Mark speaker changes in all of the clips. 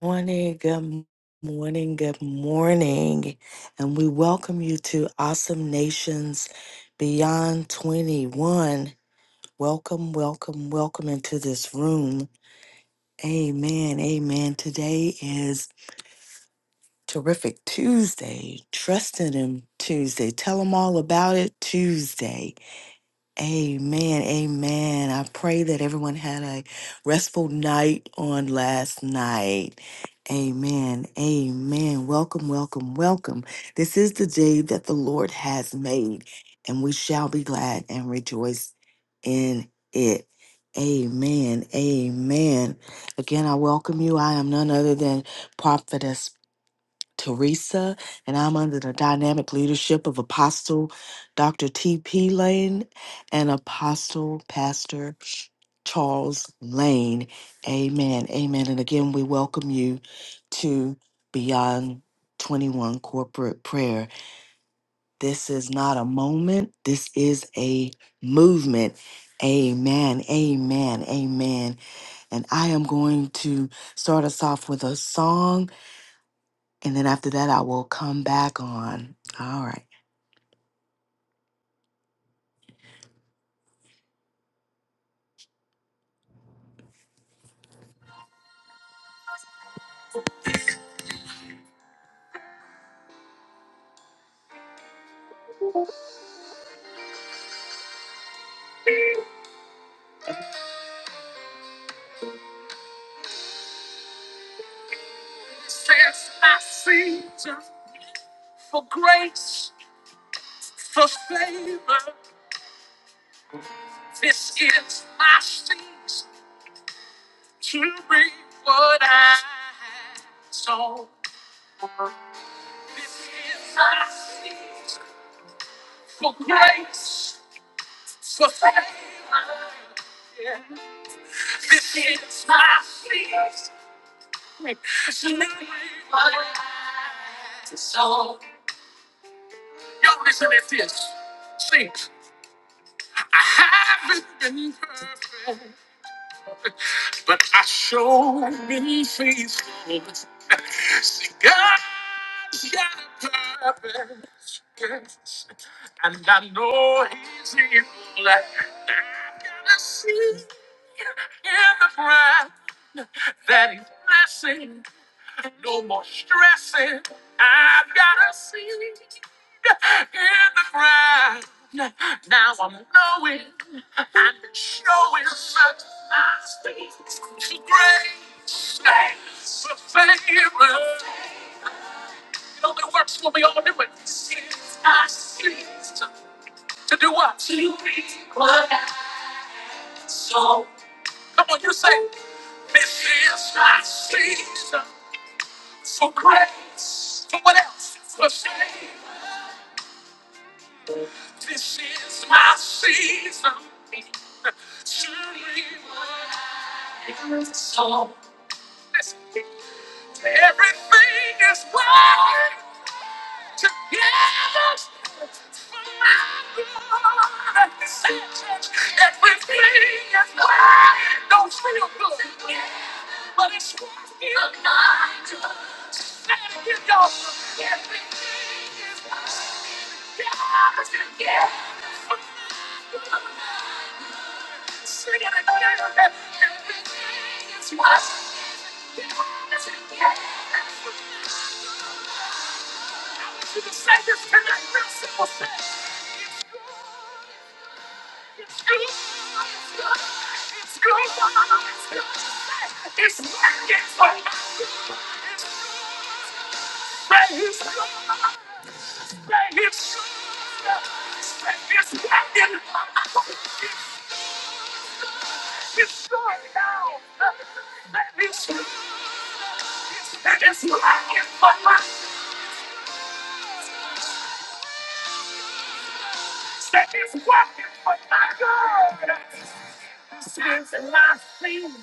Speaker 1: Morning, good morning, good morning. And we welcome you to Awesome Nations Beyond 21. Welcome, welcome, welcome into this room. Amen, amen. Today is Terrific Tuesday, Trusting Him Tuesday. Tell them all about it Tuesday. Amen. Amen. I pray that everyone had a restful night on last night. Amen. Amen. Welcome, welcome, welcome. This is the day that the Lord has made, and we shall be glad and rejoice in it. Amen. Amen. Again, I welcome you. I am none other than Prophetess Teresa, and I'm under the dynamic leadership of Apostle Dr. T.P. Lane and Apostle Pastor Charles Lane. Amen. Amen. And again, we welcome you to Beyond 21 Corporate Prayer. This is not a moment, this is a movement. Amen. Amen. Amen. And I am going to start us off with a song and then after that, I will come back on. All right. Says my season for grace, for favor. This is my season to reap what I sow. This is my season for grace, for favor. Yeah. This is my season to reap what I sow. Y'all listen at this. Sing. I haven't been perfect, but I sure been faithful. See, God's got a purpose, yes, and I know He's able. I gotta see in the ground that He's blessing. No more stressing. I've got a seed in the ground. Now I'm knowing and showing that my faith grace stays a favor. It only works when we all do it. It's my season to do what? To reap what I sow. Come on, you say, this is my season. for grace, for what else? For shame. This is my season. To rewind. So It's good now. Let me see. That is what for my. That is what I for my God. This is my season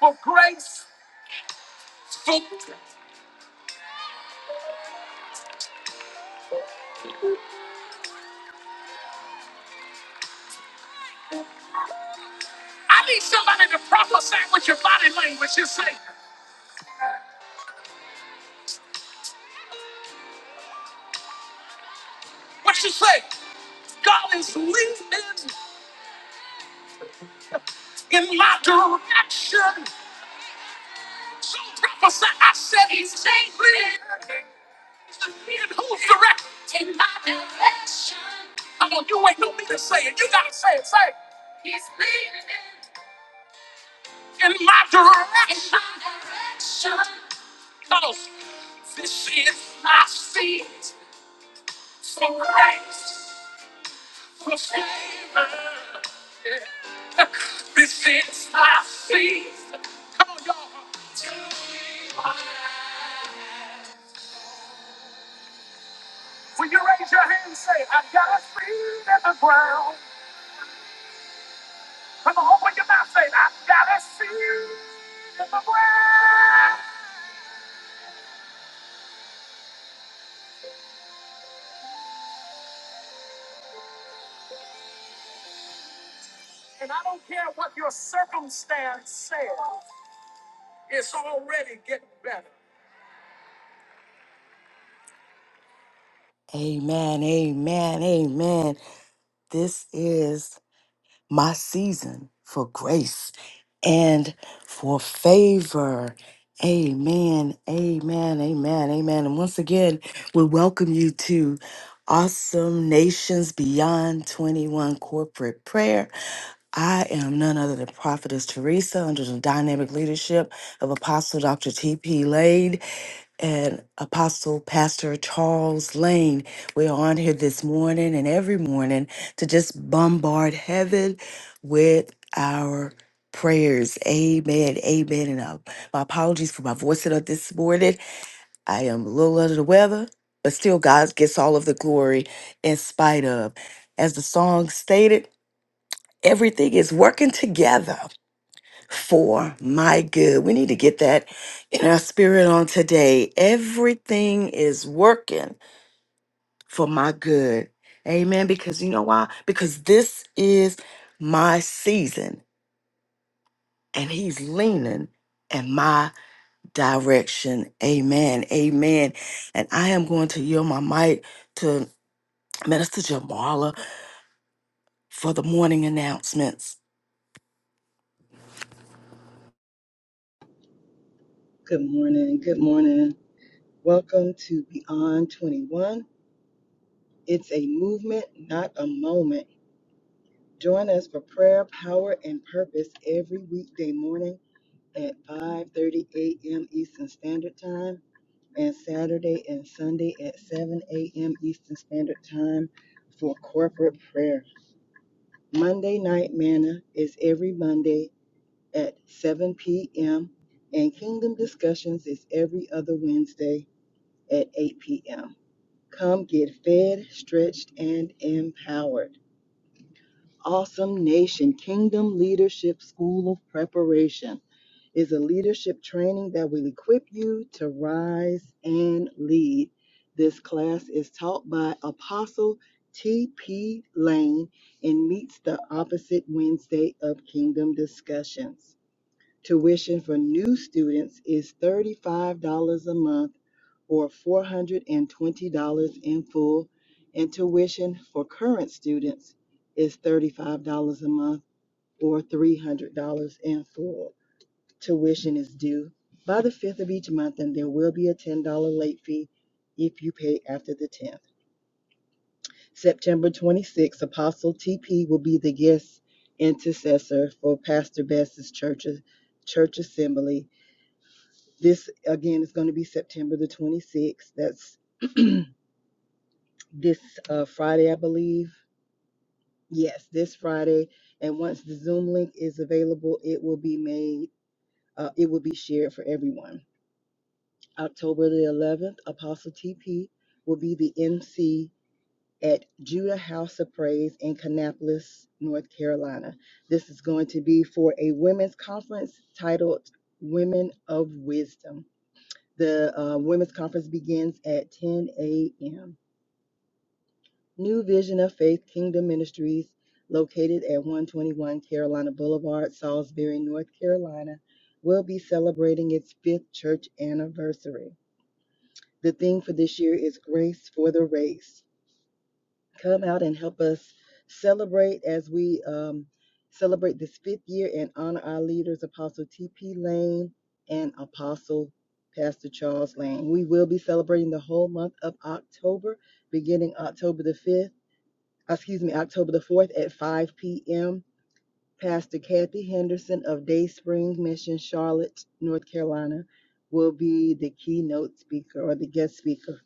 Speaker 1: for grace. I need somebody to prophesy with your body language. You say, what you say? God is leading in my direction. So prophesy. I said he's leading. In whose direction? In my direction. Come on, you ain't no need to say it. You gotta say it. Say it. in my direction. Cause this is my seat for grace, for favor. Yeah. This is my season. Come on, y'all. To be mine. Will you raise your hand and say, I've got a seed in the ground? Come on, open your mouth and say, I've got a seed in the ground. And I don't care what your circumstance says. It's already getting better. Amen, amen, amen. This is my season for grace and for favor. Amen, amen, amen, amen. And once again, we welcome you to Awesome Nations Beyond 21 Corporate Prayer. I am none other than Prophetess Teresa under the dynamic leadership of Apostle Dr. T.P. Lane and Apostle Pastor Charles Lane. We are on here this morning and every morning to just bombard heaven with our prayers. Amen. Amen. And uh, my apologies for my voice up this morning. I am a little under the weather, but still, God gets all of the glory in spite of. As the song stated, everything is working together for my good. We need to get that in our spirit on today. Everything is working for my good. Amen. Because you know why? Because this is my season. and he's leaning in my direction. Amen. Amen. And I am going to yield my mic to Minister Jamala for the morning announcements.
Speaker 2: Good morning. Good morning. Welcome to Beyond 21. It's a movement, not a moment. Join us for prayer, power, and purpose every weekday morning at 5:30 a.m. Eastern Standard Time and Saturday and Sunday at 7 a.m. Eastern Standard Time for corporate prayer. Monday Night Manna is every Monday at 7 p.m. and Kingdom Discussions is every other Wednesday at 8 p.m. Come get fed, stretched, and empowered. Awesome Nation Kingdom Leadership School of Preparation is a leadership training that will equip you to rise and lead. This class is taught by Apostle T.P. Lane and meets the opposite Wednesday of Kingdom Discussions. Tuition for new students is $35 a month or $420 in full, and tuition for current students is $35 a month or $300 in full. Tuition is due by the 5th of each month, and there will be a $10 late fee if you pay after the 10th. September 26th, Apostle TP will be the guest intercessor for Pastor Bess's church, church assembly. This again is going to be September the 26th. That's this uh, Friday, I believe. Yes, this Friday. And once the Zoom link is available, it will be made, uh, it will be shared for everyone. October the 11th, Apostle TP will be the MC at Judah House of Praise in Kannapolis, North Carolina. This is going to be for a women's conference titled Women of Wisdom. The uh, women's conference begins at 10 a.m. New Vision of Faith Kingdom Ministries, located at 121 Carolina Boulevard, Salisbury, North Carolina, will be celebrating its fifth church anniversary. The theme for this year is Grace for the Race. Come out and help us celebrate as we um, celebrate this fifth year and honor our leaders, Apostle T.P. Lane and Apostle Pastor Charles Lane. We will be celebrating the whole month of October, beginning October the 5th excuse me, October the 4th at 5 p.m. Pastor Kathy Henderson of Day Spring Mission, Charlotte, North Carolina, will be the keynote speaker or the guest speaker.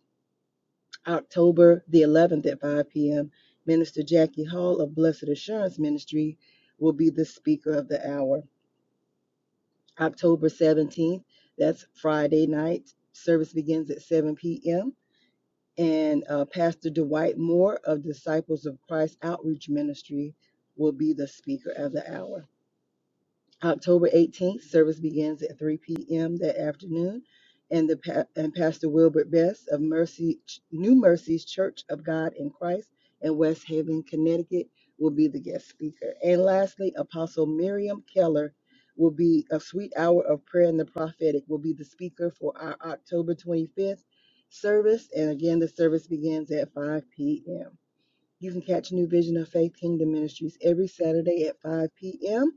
Speaker 2: October the 11th at 5 p.m., Minister Jackie Hall of Blessed Assurance Ministry will be the speaker of the hour. October 17th, that's Friday night, service begins at 7 p.m. And uh, Pastor Dwight Moore of Disciples of Christ Outreach Ministry will be the speaker of the hour. October 18th, service begins at 3 p.m. that afternoon, and the pa- and Pastor Wilbert Best of Mercy New Mercies Church of God in Christ in West Haven, Connecticut, will be the guest speaker. And lastly, Apostle Miriam Keller will be a sweet hour of prayer and the prophetic will be the speaker for our October 25th service. And again, the service begins at 5 p.m. You can catch New Vision of Faith Kingdom Ministries every Saturday at 5 p.m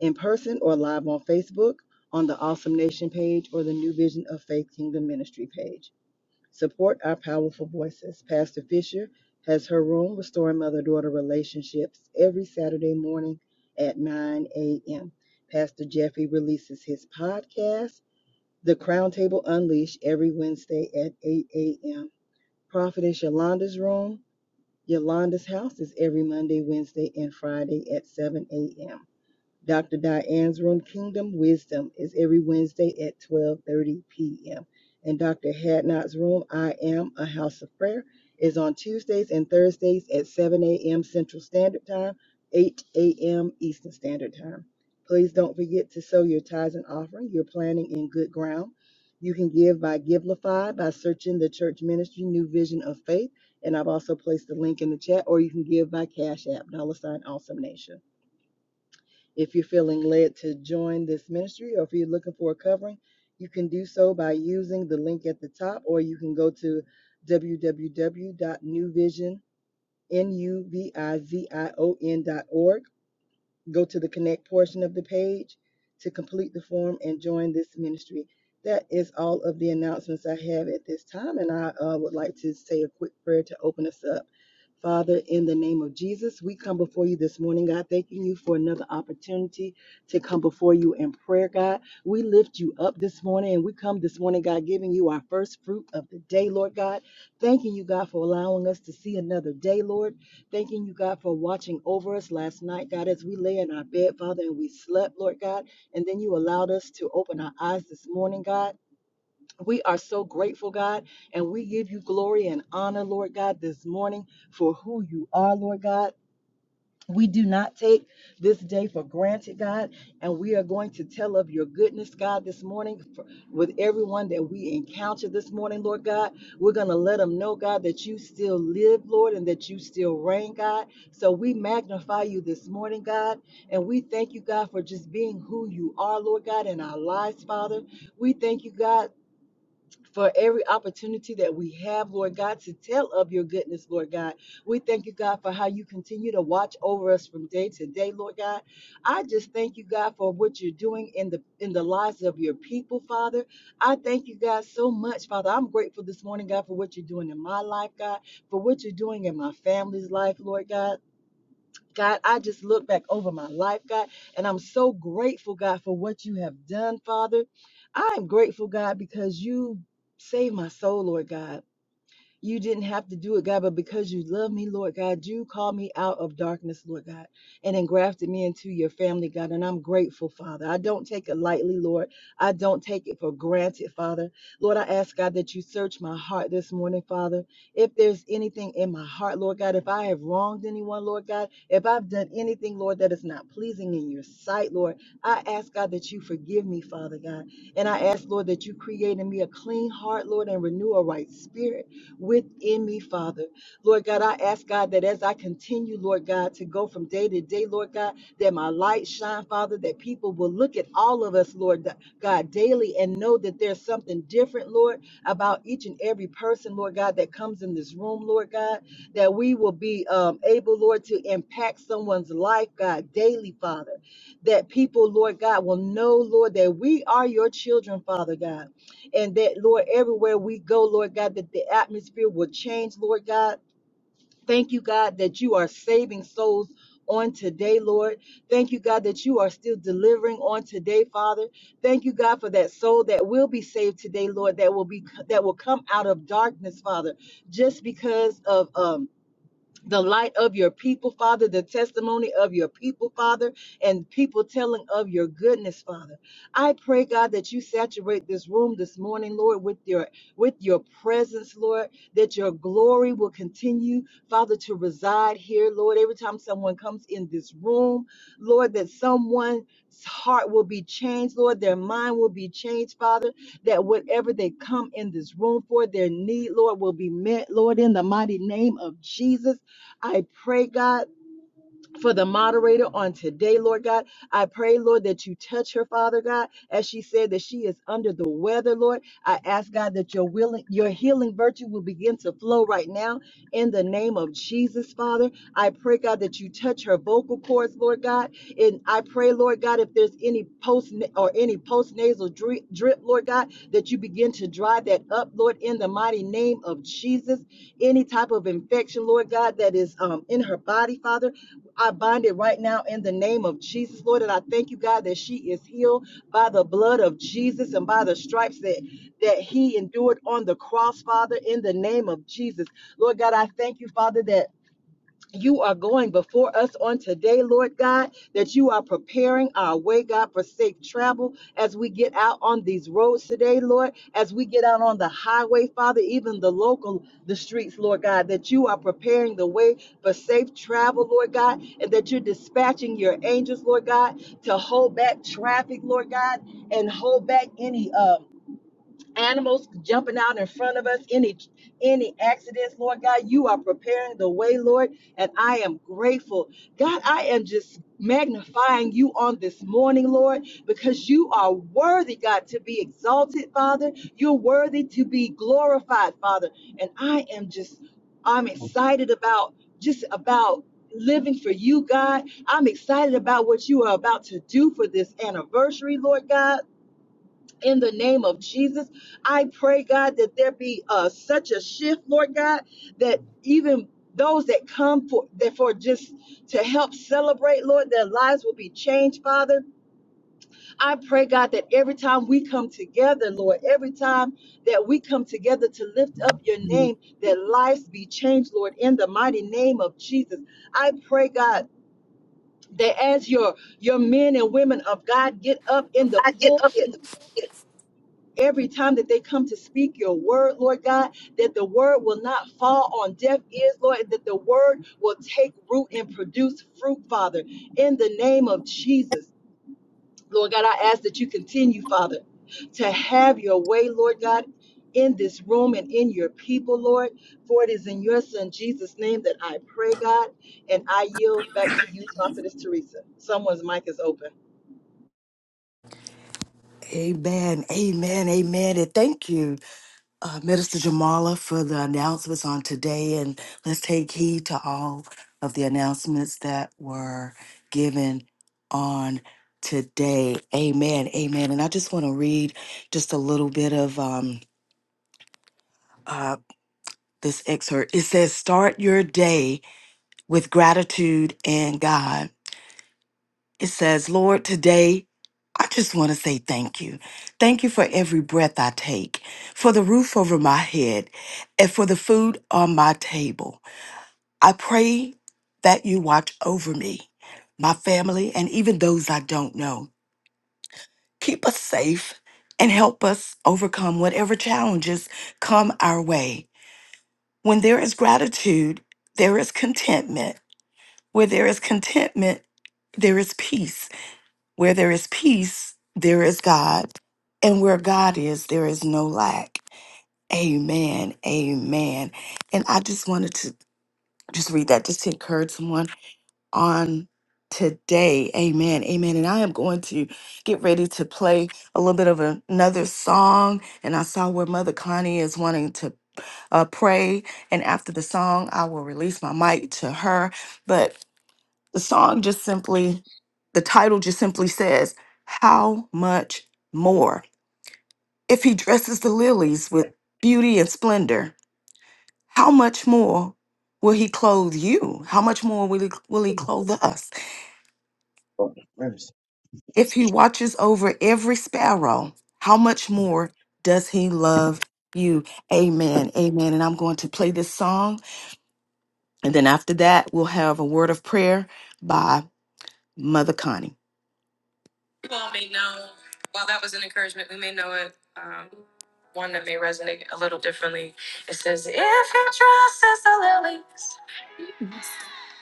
Speaker 2: in person or live on Facebook on the Awesome Nation page or the New Vision of Faith Kingdom Ministry page. Support our powerful voices. Pastor Fisher has her room restoring mother daughter relationships every Saturday morning at 9 a.m. Pastor Jeffrey releases his podcast, The Crown Table Unleashed, every Wednesday at 8 a.m. Prophetess Yolanda's room, Yolanda's house is every Monday, Wednesday, and Friday at 7 a.m. Dr. Diane's room, Kingdom Wisdom, is every Wednesday at 12:30 p.m. And Dr. Hadnot's room, I Am a House of Prayer, is on Tuesdays and Thursdays at 7 a.m. Central Standard Time, 8 a.m. Eastern Standard Time. Please don't forget to sow your tithes and offering. You're planting in good ground. You can give by Givelify by searching the church ministry New Vision of Faith. And I've also placed the link in the chat, or you can give by Cash App, dollar sign Awesome Nation. If you're feeling led to join this ministry or if you're looking for a covering, you can do so by using the link at the top or you can go to www.newvision.org go to the connect portion of the page to complete the form and join this ministry. That is all of the announcements I have at this time, and I uh, would like to say a quick prayer to open us up. Father, in the name of Jesus, we come before you this morning, God, thanking you for another opportunity to come before you in prayer, God. We lift you up this morning, and we come this morning, God, giving you our first fruit of the day, Lord God. Thanking you, God, for allowing us to see another day, Lord. Thanking you, God, for watching over us last night, God, as we lay in our bed, Father, and we slept, Lord God. And then you allowed us to open our eyes this morning, God. We are so grateful, God, and we give you glory and honor, Lord God, this morning for who you are, Lord God. We do not take this day for granted, God, and we are going to tell of your goodness, God, this morning for- with everyone that we encounter this morning, Lord God. We're going to let them know, God, that you still live, Lord, and that you still reign, God. So we magnify you this morning, God, and we thank you, God, for just being who you are, Lord God, in our lives, Father. We thank you, God for every opportunity that we have, Lord God, to tell of your goodness, Lord God. We thank you, God, for how you continue to watch over us from day to day, Lord God. I just thank you, God, for what you're doing in the in the lives of your people, Father. I thank you, God, so much, Father. I'm grateful this morning, God, for what you're doing in my life, God, for what you're doing in my family's life, Lord God. God, I just look back over my life, God, and I'm so grateful, God, for what you have done, Father. I'm grateful, God, because you saved my soul, Lord God. You didn't have to do it, God, but because you love me, Lord God, you called me out of darkness, Lord God, and engrafted me into your family, God. And I'm grateful, Father. I don't take it lightly, Lord. I don't take it for granted, Father. Lord, I ask, God, that you search my heart this morning, Father. If there's anything in my heart, Lord God, if I have wronged anyone, Lord God, if I've done anything, Lord, that is not pleasing in your sight, Lord, I ask, God, that you forgive me, Father God. And I ask, Lord, that you create in me a clean heart, Lord, and renew a right spirit within me, Father. Lord God, I ask God that as I continue, Lord God, to go from day to day, Lord God, that my light shine, Father, that people will look at all of us, Lord God, daily and know that there's something different, Lord, about each and every person, Lord God, that comes in this room, Lord God, that we will be um, able, Lord, to impact someone's life, God, daily, Father, that people, Lord God, will know, Lord, that we are your children, Father God and that Lord, everywhere we go, Lord God, that the atmosphere will change, Lord God. Thank you, God, that you are saving souls on today, Lord. Thank you, God, that you are still delivering on today, Father. Thank you, God, for that soul that will be saved today, Lord, that will be that will come out of darkness, Father, just because of um the light of your people, Father, the testimony of your people, Father, and people telling of your goodness, Father. I pray, God, that you saturate this room this morning, Lord, with your with your presence, Lord, that your glory will continue, Father, to reside here, Lord. Every time someone comes in this room, Lord, that someone's heart will be changed, Lord, their mind will be changed, Father, that whatever they come in this room for, their need, Lord, will be met, Lord, in the mighty name of Jesus. I pray, God, for the moderator on today, Lord God. I pray, Lord, that you touch her, Father God, as she said that she is under the weather, Lord. I ask God that your willing, your healing virtue will begin to flow right now in the name of Jesus, Father. I pray, God, that you touch her vocal cords, Lord God. And I pray, Lord God, if there's any post or any post nasal drip, drip, Lord God, that you begin to dry that up, Lord, in the mighty name of Jesus. Any type of infection, Lord God, that is um, in her body, Father. I bind it right now in the name of Jesus, Lord. And I thank you, God, that she is healed by the blood of Jesus and by the stripes that, that he endured on the cross, Father, in the name of Jesus. Lord God, I thank you, Father, that you are going before us on today, Lord God, that you are preparing our way, God, for safe travel as we get out on these roads today, Lord, as we get out on the highway, Father, even the local, the streets, Lord God, that you are preparing the way for safe travel, Lord God, and that you're dispatching your angels, Lord God, to hold back traffic, Lord God, and hold back any, um, animals jumping out in front of us, any any accidents, Lord God, you are preparing the way, Lord, and I am grateful. God, I am just magnifying you on this morning, Lord, because you are worthy, God, to be exalted, Father. You're worthy to be glorified, Father. And I am just I'm excited about just about living for you, God. I'm excited about what you are about to do for this anniversary, Lord God in the name of Jesus. I pray, God, that there be uh, such a shift, Lord God, that even those that come for that for just to help celebrate, Lord, their lives will be changed, Father. I pray, God, that every time we come together, Lord, every time that we come together to lift up your
Speaker 3: Mm.
Speaker 2: name, that lives be changed, Lord, in the mighty name of Jesus. I pray, God, that as your your men and women of God get up in the
Speaker 4: I get up
Speaker 2: pulpit
Speaker 4: in the morning
Speaker 2: Every time that they come to speak your word, Lord God, that the word will not fall on deaf ears, Lord, and that the word will take root and produce fruit, Father, in the name of Jesus. Lord God, I ask that you continue, Father, to have your way, Lord God, in this room and in your people, Lord. For it is in your Son Jesus' name that I pray, God, and I yield back to you, Prophetess Teresa. Someone's mic is open.
Speaker 1: Amen. Amen. Amen. And thank you, uh, Minister Jamala, for the announcements on today. And let's take heed to all of the announcements that were given on today. Amen. Amen. And I just want to read just a little bit of um, uh, this excerpt. It says, Start your day with gratitude and God. It says, Lord, today I just want to say thank you. Thank you for every breath I take, for the roof over my head, and for the food on my table. I pray that you watch over me, my family, and even those I don't know. Keep us safe and help us overcome whatever challenges come our way. When there is gratitude, there is contentment. Where there is contentment, there is peace. Where there is peace, there is God. And where God is, there is no lack. Amen. Amen. And I just wanted to just read that just to encourage someone on today. Amen. Amen. And I am going to get ready to play a little bit of a- another song. And I saw where Mother Connie is wanting to uh, pray. And after the song, I will release my mic to her. But the song just simply, the title just simply says, How much more? If he dresses the lilies with beauty and splendor, how much more will he clothe you? How much more will he, will he clothe us?
Speaker 5: Oh, where is
Speaker 1: If he watches over every sparrow, how much more does he love you?
Speaker 5: it?
Speaker 1: Amen. Amen. And I'm going to play this song. And then after that, we'll have a word of prayer by Mother Connie. You all may know, while that was an encouragement, we may know it. Um, one that may resonate a little differently. It says, If your trust is the lilies, with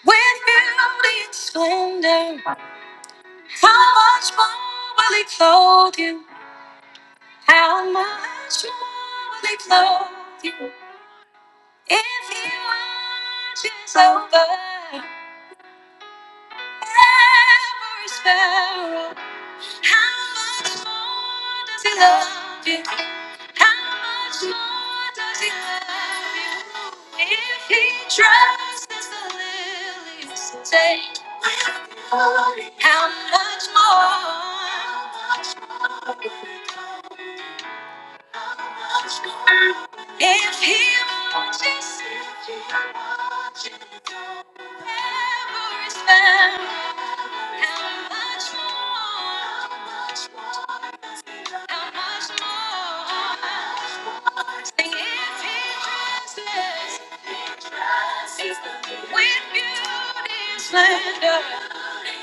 Speaker 1: beauty and splendor, how much more will he clothe you? How much more will he clothe you? If he watches over every sparrow, How much more does he love you? How much more does he love you? If he dresses the lilies today, how much more? If he watches, if he watches. you, wherever is found, how much more, how much more? Sing if he dresses with beauty and splendor,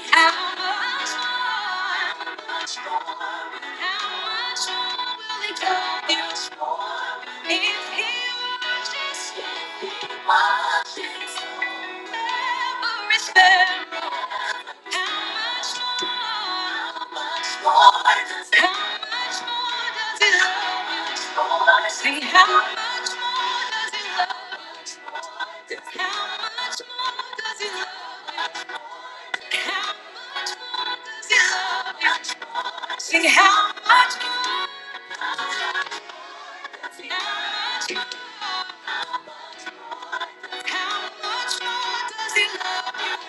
Speaker 1: how much more, how much more? Will He come? How much more? If He watches, if He watches, ever is there? How much more? How much more does He love you? Say how much more does He love you? How much more does He love you? How much more does He love you? Say how much? Sing how, sing how much more, sing how much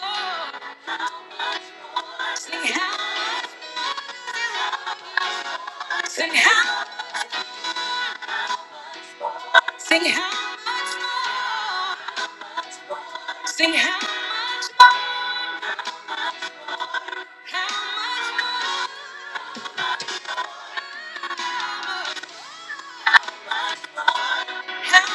Speaker 1: more, how much more, how much more, sing how much more, how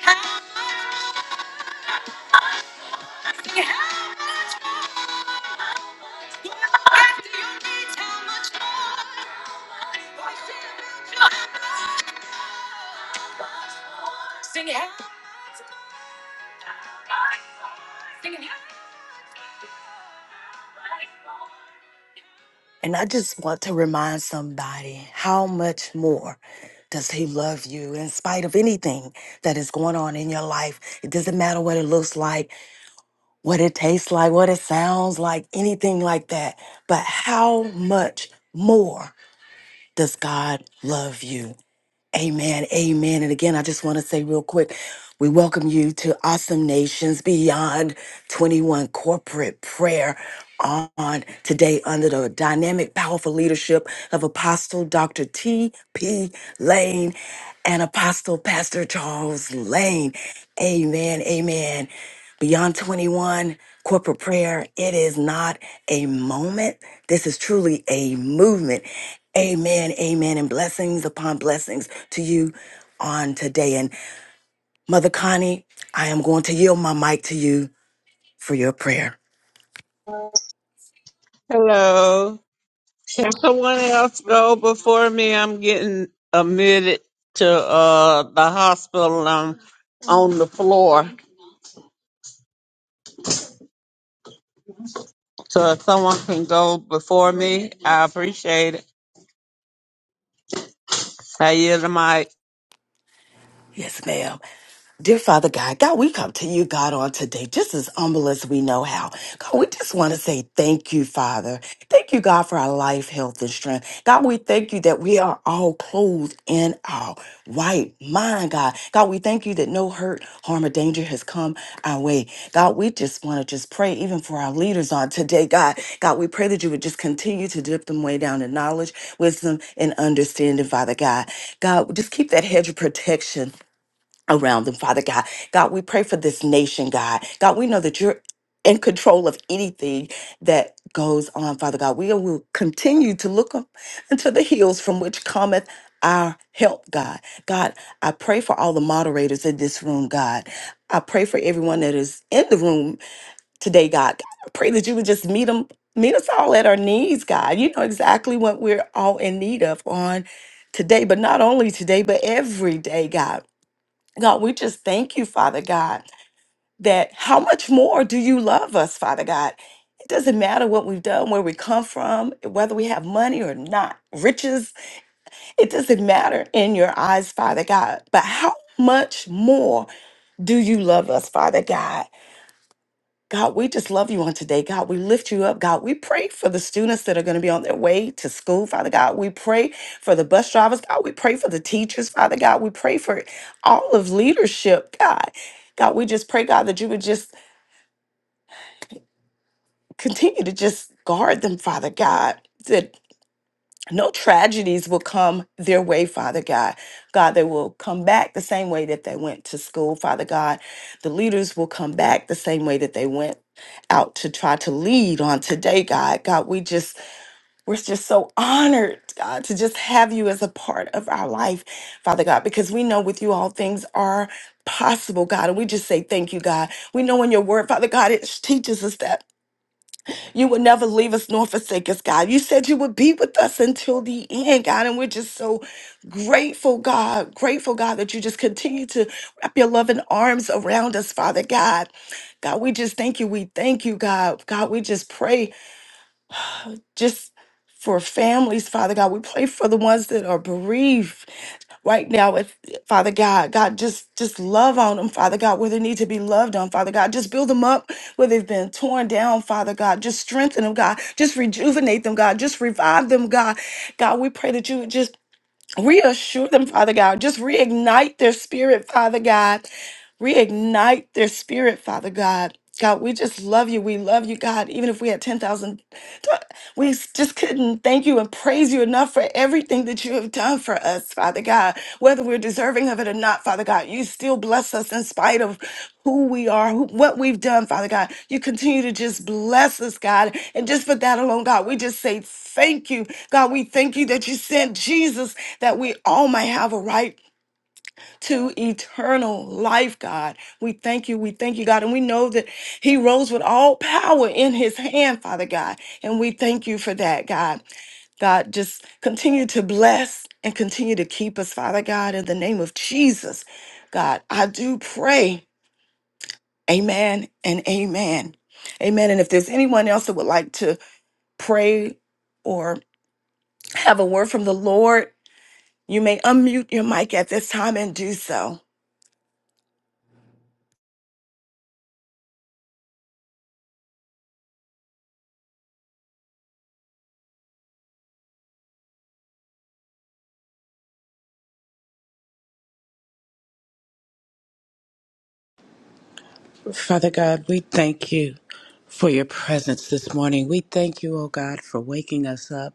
Speaker 1: much, sing how much more. Sing it. happy. Sing it. happy. And I just want to remind somebody how much more does he love you in spite of anything that is going on in your life. It doesn't matter what it looks like, what it tastes like, what it sounds like, anything like that. But how much more does God love you? Amen. Amen. And again, I just want to say real quick, we welcome you to Awesome Nations Beyond 21 Corporate Prayer on today under the dynamic, powerful leadership of Apostle Dr. T.P. Lane and Apostle Pastor Charles Lane. Amen. Amen. Beyond 21, corporate prayer, it is not a moment. This is truly a movement. Amen, amen, and blessings upon blessings to you on today. And Mother Connie, I am going to yield my mic to you for your prayer.
Speaker 6: Hello. Can someone else go before me? I'm getting admitted to uh the hospital. I'm on the floor. So if someone can go before me, I appreciate it. I yield the mic.
Speaker 1: Yes, ma'am. Dear Father God, God, we come to you, God, on today, just as humble as we know how. God, we just want to say thank you, Father. Thank you, God, for our life, health, and strength. God, we thank you that we are all clothed in our right mind, God. God, we thank you that no hurt, harm, or danger has come our way. God, we just want to just pray even for our leaders on today, God. God, we pray that you would just continue to dip them way down in knowledge, wisdom, and understanding, Father God. God, just keep that hedge of protection around them, Father God. God, we pray for this nation, God. God, we know that you're in control of anything that goes on, Father God. We will continue to look up into the hills from which cometh our help, God. God, I pray for all the moderators in this room, God. I pray for everyone that is in the room today, God. I pray that you would just meet them, meet us all at our needs, God. You know exactly what we're all in need of on today, but not only today, but every day, God. God, we just thank you, Father God, that how much more do you love us, Father God? It doesn't matter what we've done, where we come from, whether we have money or not, riches, it doesn't matter in your eyes, Father God. But how much more do you love us, Father God? God, we just love you on today. God, we lift you up. God, we pray for the students that are going to be on their way to school, Father God. We pray for the bus drivers. God, we pray for the teachers, Father God. We pray for all of leadership, God. God, we just pray, God, that you would just continue to just guard them, Father God. no tragedies will come their way, Father God. God, they will come back the same way that they went to school, Father God. The leaders will come back the same way that they went out to try to lead on today, God. God, we just, we're just so honored, God, to just have you as a part of our life, Father God, because we know with you all things are possible, God. And we just say thank you, God. We know in your word, Father God, it teaches us that. You would never leave us nor forsake us, God. You said you would be with us until the end, God. And we're just so grateful, God. Grateful, God, that you just continue to wrap your loving arms around us, Father God. God, we just thank you. We thank you, God. God, we just pray just for families, Father God. We pray for the ones that are bereaved right now if father god god just just love on them father god where they need to be loved on father god just build them up where they've been torn down father god just strengthen them god just rejuvenate them god just revive them god god we pray that you would just reassure them father god just reignite their spirit father god reignite their spirit, Father God. God, we just love you. We love you, God. Even if we had 10,000, we just couldn't thank you and praise you enough for everything that you have done for us, Father God. Whether we're deserving of it or not, Father God, you still bless us in spite of who we are, who, what we've done, Father God. You continue to just bless us, God. And just for that alone, God, we just say thank you. God, we thank you that you sent Jesus that we all might have a right to eternal life, God. We thank you. We thank you, God. And we know that He rose with all power in His hand, Father God. And we thank you for that, God. God, just continue to bless and continue to keep us, Father God, in the name of Jesus. God, I do pray. Amen and amen. Amen. And if there's anyone else that would like to pray or have a word from the Lord, you may unmute your mic at this time and do so.
Speaker 7: Father God, we thank you for your presence this morning. We thank you, O God, for waking us up.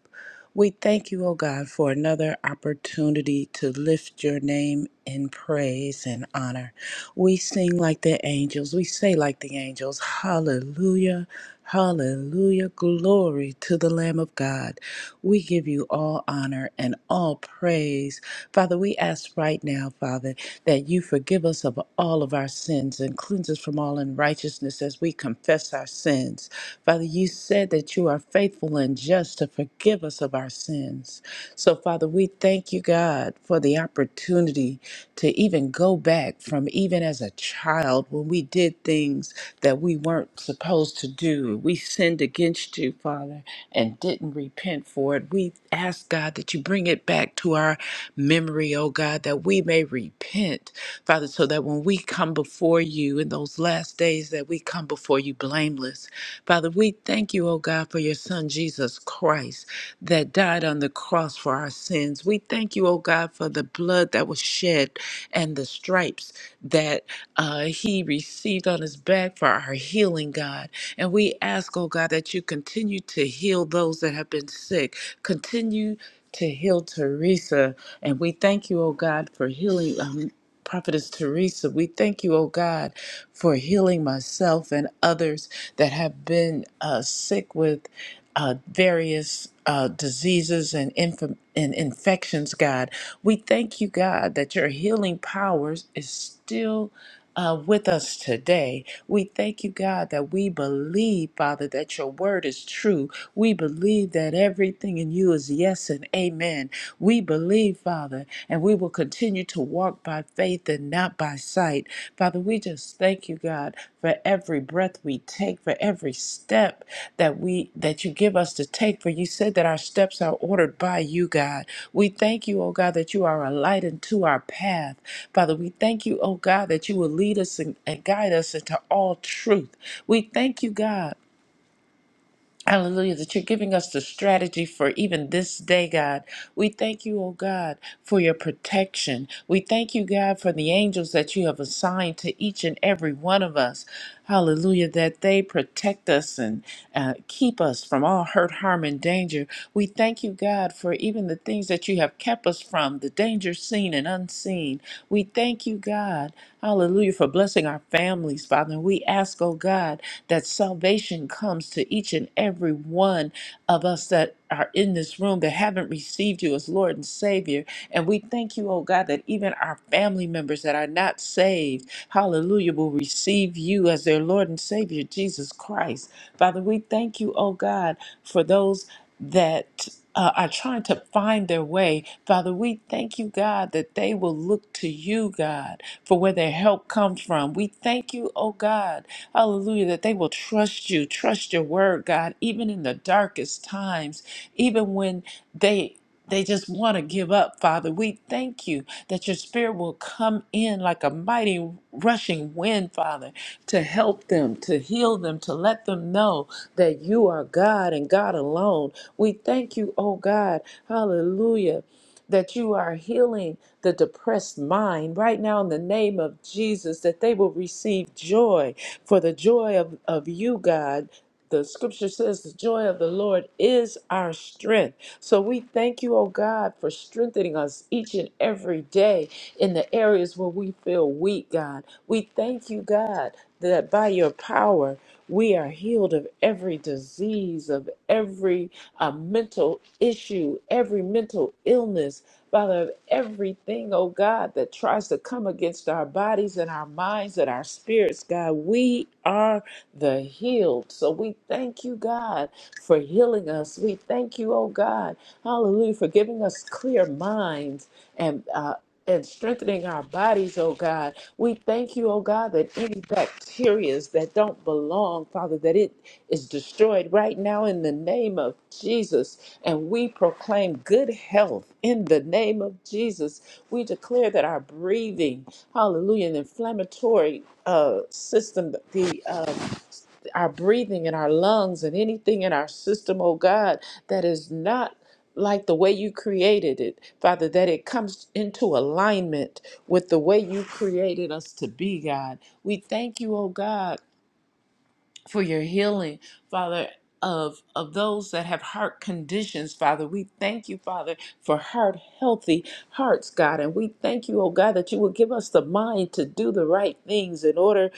Speaker 7: We thank you, O God, for another opportunity to lift your name in praise and honor. We sing like the angels. We say like the angels, Hallelujah, Hallelujah. Glory to the Lamb of God. We give you all honor and all praise. Father, we ask right now, Father, that you forgive us of all of our sins and cleanse us from all unrighteousness as we confess our sins. Father, you said that you are faithful and just to forgive us of our sins. So, Father, we thank you, God, for the opportunity to even go back from even as a child when we did things that we weren't supposed to do you. We sinned against you, Father, and didn't repent for it. We ask, God, that you bring it back to our memory, oh God, that we may repent, Father, so that when we come before you in those last days, that we come before you blameless. Father, we thank you, oh God, for your Son, Jesus Christ, that died on the cross for our sins. We thank you, oh God, for the blood that was shed and the stripes that uh, he received on his back for our healing, God. And we ask, oh God, that you continue to heal those that have been sick. Continue to heal Teresa. And we thank you, oh God, for healing. Um, Prophetess Teresa, we thank you, oh God, for healing myself and others that have been uh, sick with uh, various uh, diseases and, inf- and infections, God. We thank you, God, that your healing powers is still uh, with us today. We thank you, God, that we believe, Father, that your word is true. We believe that everything in you is yes and amen. We believe, Father, and we will continue to walk by faith and not by sight. Father, we just thank you, God. God, for every breath we take, for every step that we that you give us to take. For you said that our steps are ordered by you, God. We thank you, oh God, that you are a light unto our path. Father, we thank you, oh God, that you will lead us and, and guide us into all truth. We thank you, God. Hallelujah, that you're giving us the strategy for even this day, God. We thank you, oh God, for your protection. We thank you, God, for the angels that you have assigned to each and every one of us. Hallelujah, that they protect us and uh, keep us from all hurt, harm, and danger. We thank you, God, for even the things that you have kept us from, the danger seen and unseen. We thank you, God, hallelujah, for blessing our families, Father. we ask, oh God, that salvation comes to each and every one of us that are in this room that haven't received you as Lord and Savior. And we thank you, oh God, that even our family members that are not saved, hallelujah, will receive you as their Lord and Savior, Jesus Christ. Father, we thank you, oh God, for those that uh, are trying to find their way. Father, we thank you, God, that they will look to you, God, for where their help comes from. We thank you, oh God, hallelujah, that they will trust you, trust your word, God, even in the darkest times, even when they. They just want to give up, Father. We thank you that your spirit will come in like a mighty rushing wind, Father, to help them, to heal them, to let them know that you are God and God alone. We thank you, oh God. Hallelujah. That you are healing the depressed mind right now in the name of Jesus, that they will receive joy for the joy of, of you, God. The scripture says the joy of the Lord is our strength. So we thank you, oh God, for strengthening us each and every day in the areas where we feel weak, God. We thank you, God, that by your power, we are healed of every disease, of every uh, mental issue, every mental illness, Father, of everything, oh God, that tries to come against our bodies and our minds and our spirits, God. We are the healed. So we thank you, God for healing us. We thank you, oh God, hallelujah, for giving us clear minds and uh, and strengthening our bodies, oh God. We thank you, oh God, that any bacterias that don't belong, Father, that it is destroyed right now in the name of Jesus. And we proclaim good health in the name of Jesus. We declare that our breathing, hallelujah, and inflammatory uh, system, the uh, our breathing and our lungs and anything in our system, oh God, that is not like the way you created it, Father, that it comes into alignment with the way you created us to be, God. We thank you, oh God for your healing, Father. Of, of those that have heart conditions, Father. We thank you, Father, for heart healthy hearts, God. And we thank you, oh God, that you will give us the mind to do the right things in order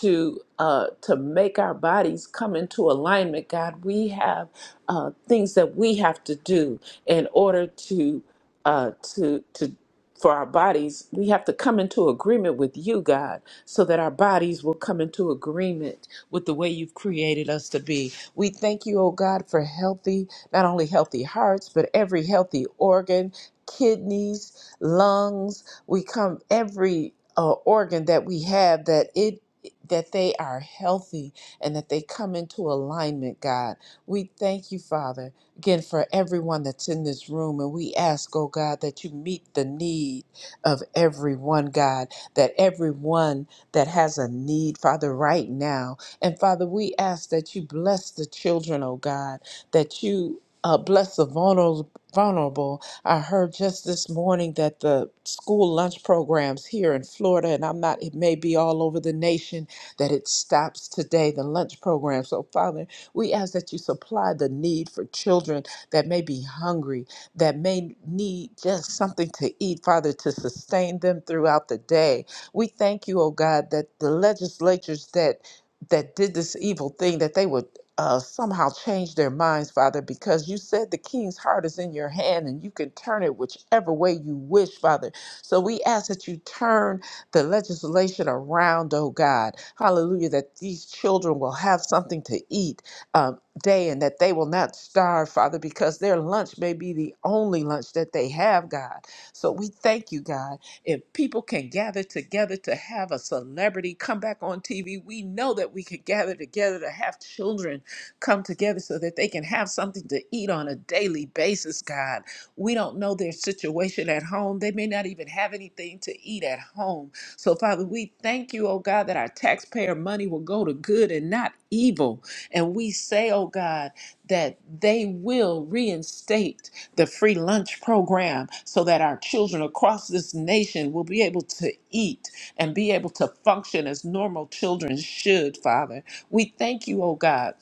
Speaker 7: to uh, to make our bodies come into alignment, God. We have uh, things that we have to do in order to uh, to to for our bodies, we have to come into agreement with you, God, so that our bodies will come into agreement with the way you've created us to be. We thank you, oh God, for healthy, not only healthy hearts, but every healthy organ, kidneys, lungs. We come every uh, organ that we have that it that they are healthy and that they come into alignment, God. We thank you, Father again for everyone that's in this room. And we ask, oh God, that you meet the need of everyone, God, that everyone that has a need, Father, right now. And Father, we ask that you bless the children, oh God, that you uh, bless the vulnerable. Vulnerable. I heard just this morning that the school lunch programs here in Florida, and I'm not, it may be all over the nation, that it stops today, the lunch program. So, Father, we ask that you supply the need for children that may be hungry, that may need just something to eat, Father, to sustain them throughout the day. We thank you, oh God, that the legislatures that that did this evil thing that they would uh, somehow change their minds, Father, because you said the king's heart is in your hand and you can turn it whichever way you wish, Father. So we ask that you turn the legislation around, oh God. Hallelujah, that these children will have something to eat, um, day and that they will not starve, Father, because their lunch may be the only lunch that they have, God. So we thank you, God. If people can gather together to have a celebrity come back on TV, we know that we could gather together to have children come together so that they can have something to eat on a daily basis, God. We don't know their situation at home. They may not even have anything to eat at home. So, Father, we thank you, oh God, that our taxpayer money will go to good and not evil. And we say, oh God, that they will reinstate the free lunch program so that our children across this nation will be able to eat and be able to function as normal children should, Father. We thank you, oh God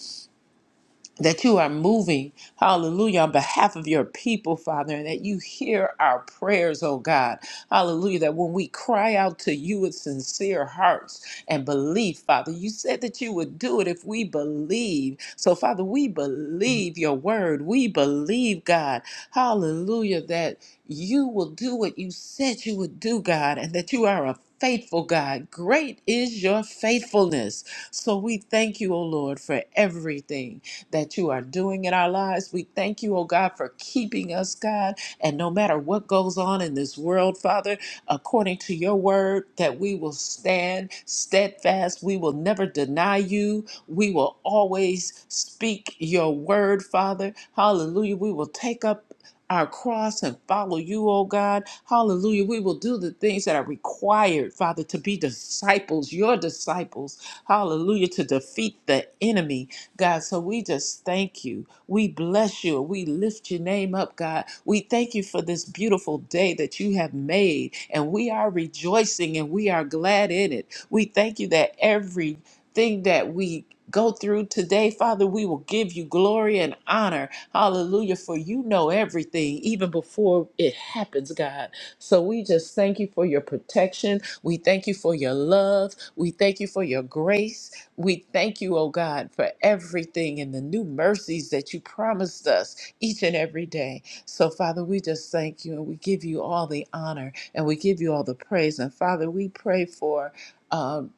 Speaker 7: that you are moving, hallelujah, on behalf of your people, Father, and that you hear our prayers, oh God. Hallelujah, that when we cry out to you with sincere hearts and belief, Father, you said that you would do it if we believe. So, Father, we believe your word. We believe, God, hallelujah, that you will do what you said you would do, God, and that you are a faithful God. Great is your faithfulness. So we thank you, O Lord, for everything that you are doing in our lives. We thank you, oh God, for keeping us, God. And no matter what goes on in this world, Father, according to your word, that we will stand steadfast. We will never deny you. We will always speak your word, Father. Hallelujah. We will take up our cross and follow you, oh God. Hallelujah. We will do the things that are required, Father, to be disciples, your disciples. Hallelujah. To defeat the enemy. God. So we just thank you. We bless you. We lift your name up, God. We thank you for this beautiful day that you have made, and we are rejoicing and we are glad in it. We thank you that everything that we go through today, Father, we will give you glory and honor. Hallelujah. For you know everything, even before it happens, God. So we just thank you for your protection. We thank you for your love. We thank you for your grace. We thank you, oh God, for everything and the new mercies that you promised us each and every day. So, Father, we just thank you and we give you all the honor and we give you all the praise. And, Father, we pray for. Um,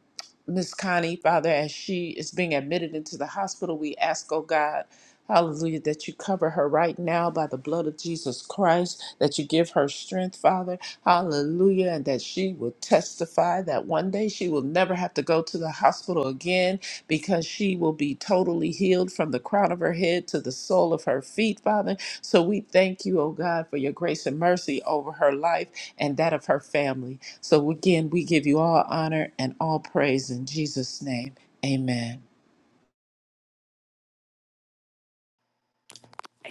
Speaker 7: Miss Connie, Father, as she is being admitted into the hospital, we ask, oh God, hallelujah, that you cover her right now by the blood of Jesus Christ, that you give her strength, Father, hallelujah, and that she will testify that one day she will never have to go to the hospital again because she will be totally healed from the crown of her head to the sole of her feet, Father. So we thank you, oh God, for your grace and mercy over her life and that of her family. So again, we give you all honor and all praise in Jesus' name. Amen.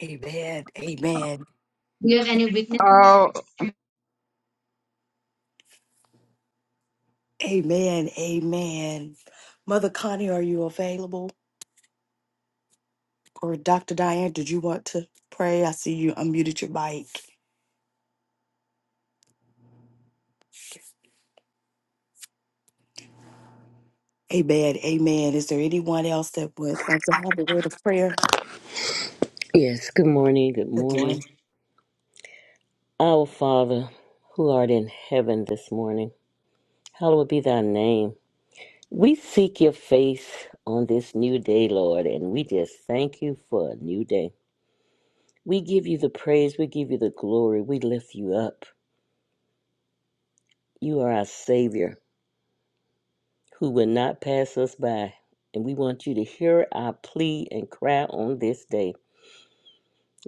Speaker 1: Amen. Amen.
Speaker 6: Do you have any weakness? Oh
Speaker 1: Amen. Amen. Mother Connie, are you available? Or Dr. Diane, did you want to pray? I see you unmuted your mic. Amen. Amen. Is there anyone else that would like to have a word of prayer?
Speaker 8: Yes, good morning, good
Speaker 1: Good
Speaker 8: morning.
Speaker 1: morning.
Speaker 8: Our Father, who art in heaven this morning, hallowed be thy name. We seek your face on this new day, Lord, and we just thank you for a new day. We give you the praise, we give you the glory, we lift you up. You are our Savior who will not pass us by, and we want you to hear our plea and cry on this day.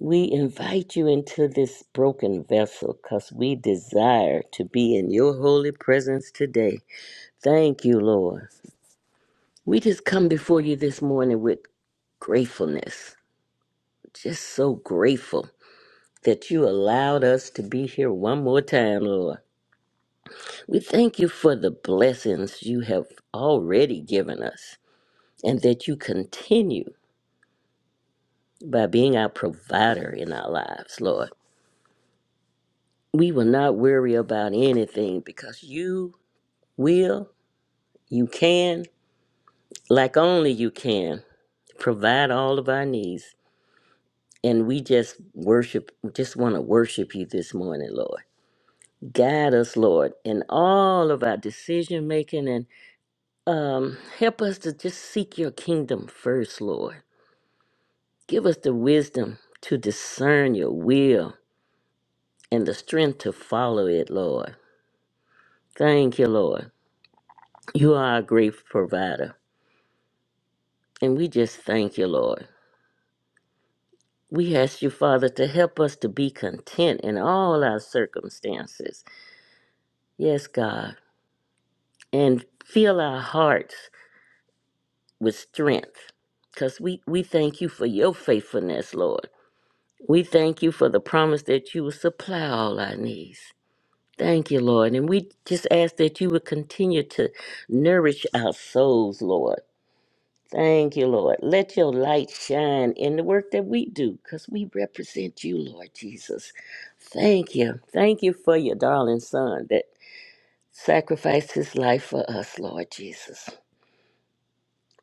Speaker 8: We invite you into this broken vessel because we desire to be in your holy presence today. Thank you, Lord. We just come before you this morning with gratefulness, just so grateful that you allowed us to be here one more time, Lord. We thank you for the blessings you have already given us and that you continue by being our provider in our lives, Lord. We will not worry about anything because you will, you can, like only you can, provide all of our needs. And we just worship, we just want to worship you this morning, Lord. Guide us, Lord, in all of our decision making and um, help us to just seek your kingdom first, Lord. Give us the wisdom to discern your will and the strength to follow it, Lord. Thank you, Lord. You are a great provider. And we just thank you, Lord. We ask you, Father, to help us to be content in all our circumstances. Yes, God. And fill our hearts with strength because we, we thank you for your faithfulness, Lord. We thank you for the promise that you will supply all our needs. Thank you, Lord. And we just ask that you would continue to nourish our souls, Lord. Thank you, Lord. Let your light shine in the work that we do because we represent you, Lord Jesus. Thank you. Thank you for your darling son that sacrificed his life for us, Lord Jesus.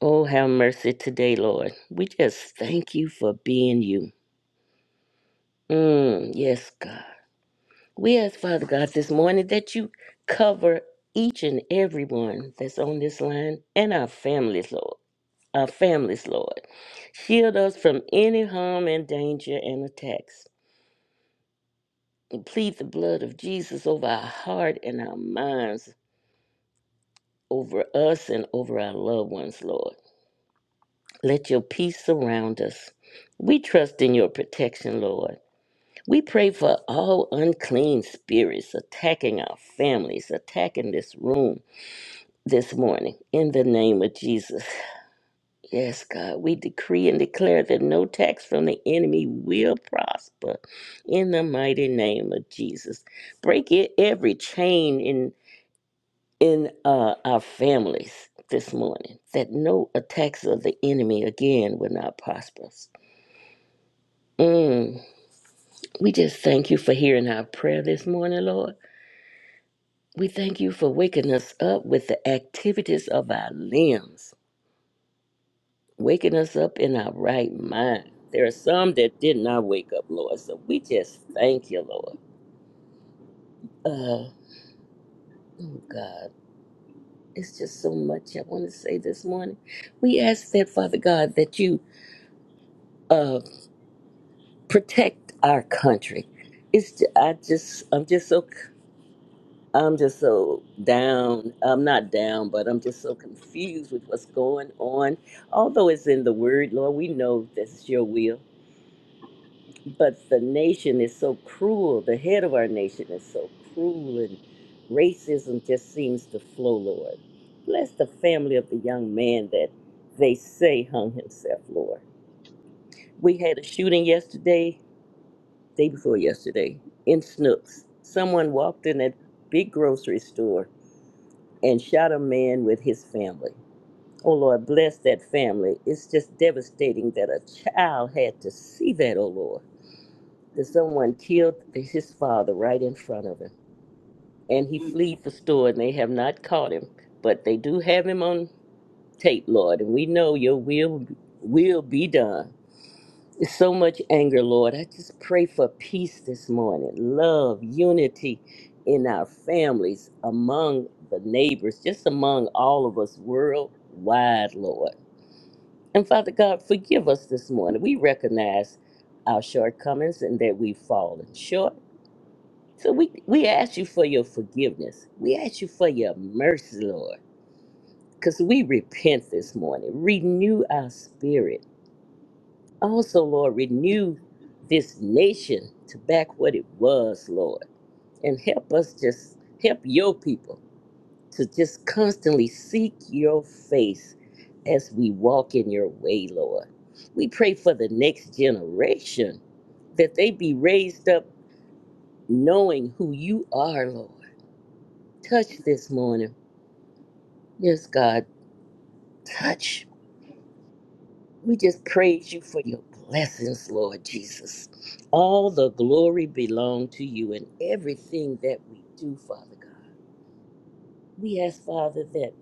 Speaker 8: Oh, have mercy today, Lord. We just thank you for being you. Mm, yes, God. We ask, Father God, this morning that you cover each and everyone that's on this line and our families, Lord. our families, Lord. Shield us from any harm and danger and attacks. We plead the blood of Jesus over our heart and our minds, over us and over our loved ones, Lord. Let your peace surround us. We trust in your protection, Lord. We pray for all unclean spirits attacking our families, attacking this room this morning. In the name of Jesus, Yes, God, we decree and declare that no tax from the enemy will prosper in the mighty name of Jesus. Break it every chain in in uh, our families this morning that no attacks of the enemy again will not prosper. us. Mm. We just thank you for hearing our prayer this morning, Lord. We thank you for waking us up with the activities of our limbs. waking us up in our right mind. There are some that did not wake up, Lord. So we just thank you, Lord. Uh, oh, God. It's just so much I want to say this morning. We ask that, Father God, that you uh, protect our country. It's ju- I just I'm just so c- I'm just so down. I'm not down, but I'm just so confused with what's going on. Although it's in the Word, Lord, we know this is your will but the nation is so cruel. The head of our nation is so cruel, and racism just seems to flow, Lord. Bless the family of the young man that they say hung himself, Lord. We had a shooting yesterday, day before yesterday, in Snooks. Someone walked in that big grocery store and shot a man with his family. Oh Lord, bless that family. It's just devastating that a child had to see that, oh Lord. that someone killed his father right in front of him. And he
Speaker 2: Mm.
Speaker 8: fled for store, and they have not caught him. But they do have him on tape, Lord, and we know your will will be done. It's so much anger, Lord. I just pray for peace this morning, love, unity in our families, among the neighbors, just among all of us worldwide, Lord. And Father God, forgive us this morning. We recognize our shortcomings and that we've fallen short. So we we ask you for your forgiveness. We ask you for your mercy, Lord, because we repent this morning. Renew our spirit. Also, Lord, renew this nation to back what it was, Lord, and help us just help your people to just constantly seek your face as we walk in your way, Lord. We pray for the next generation that they be raised up knowing who you are, Lord Touch this morning. Yes, God, touch. We just praise you for your blessings, Lord Jesus. All the glory belong to you in everything that we do, Father God. We ask, Father, that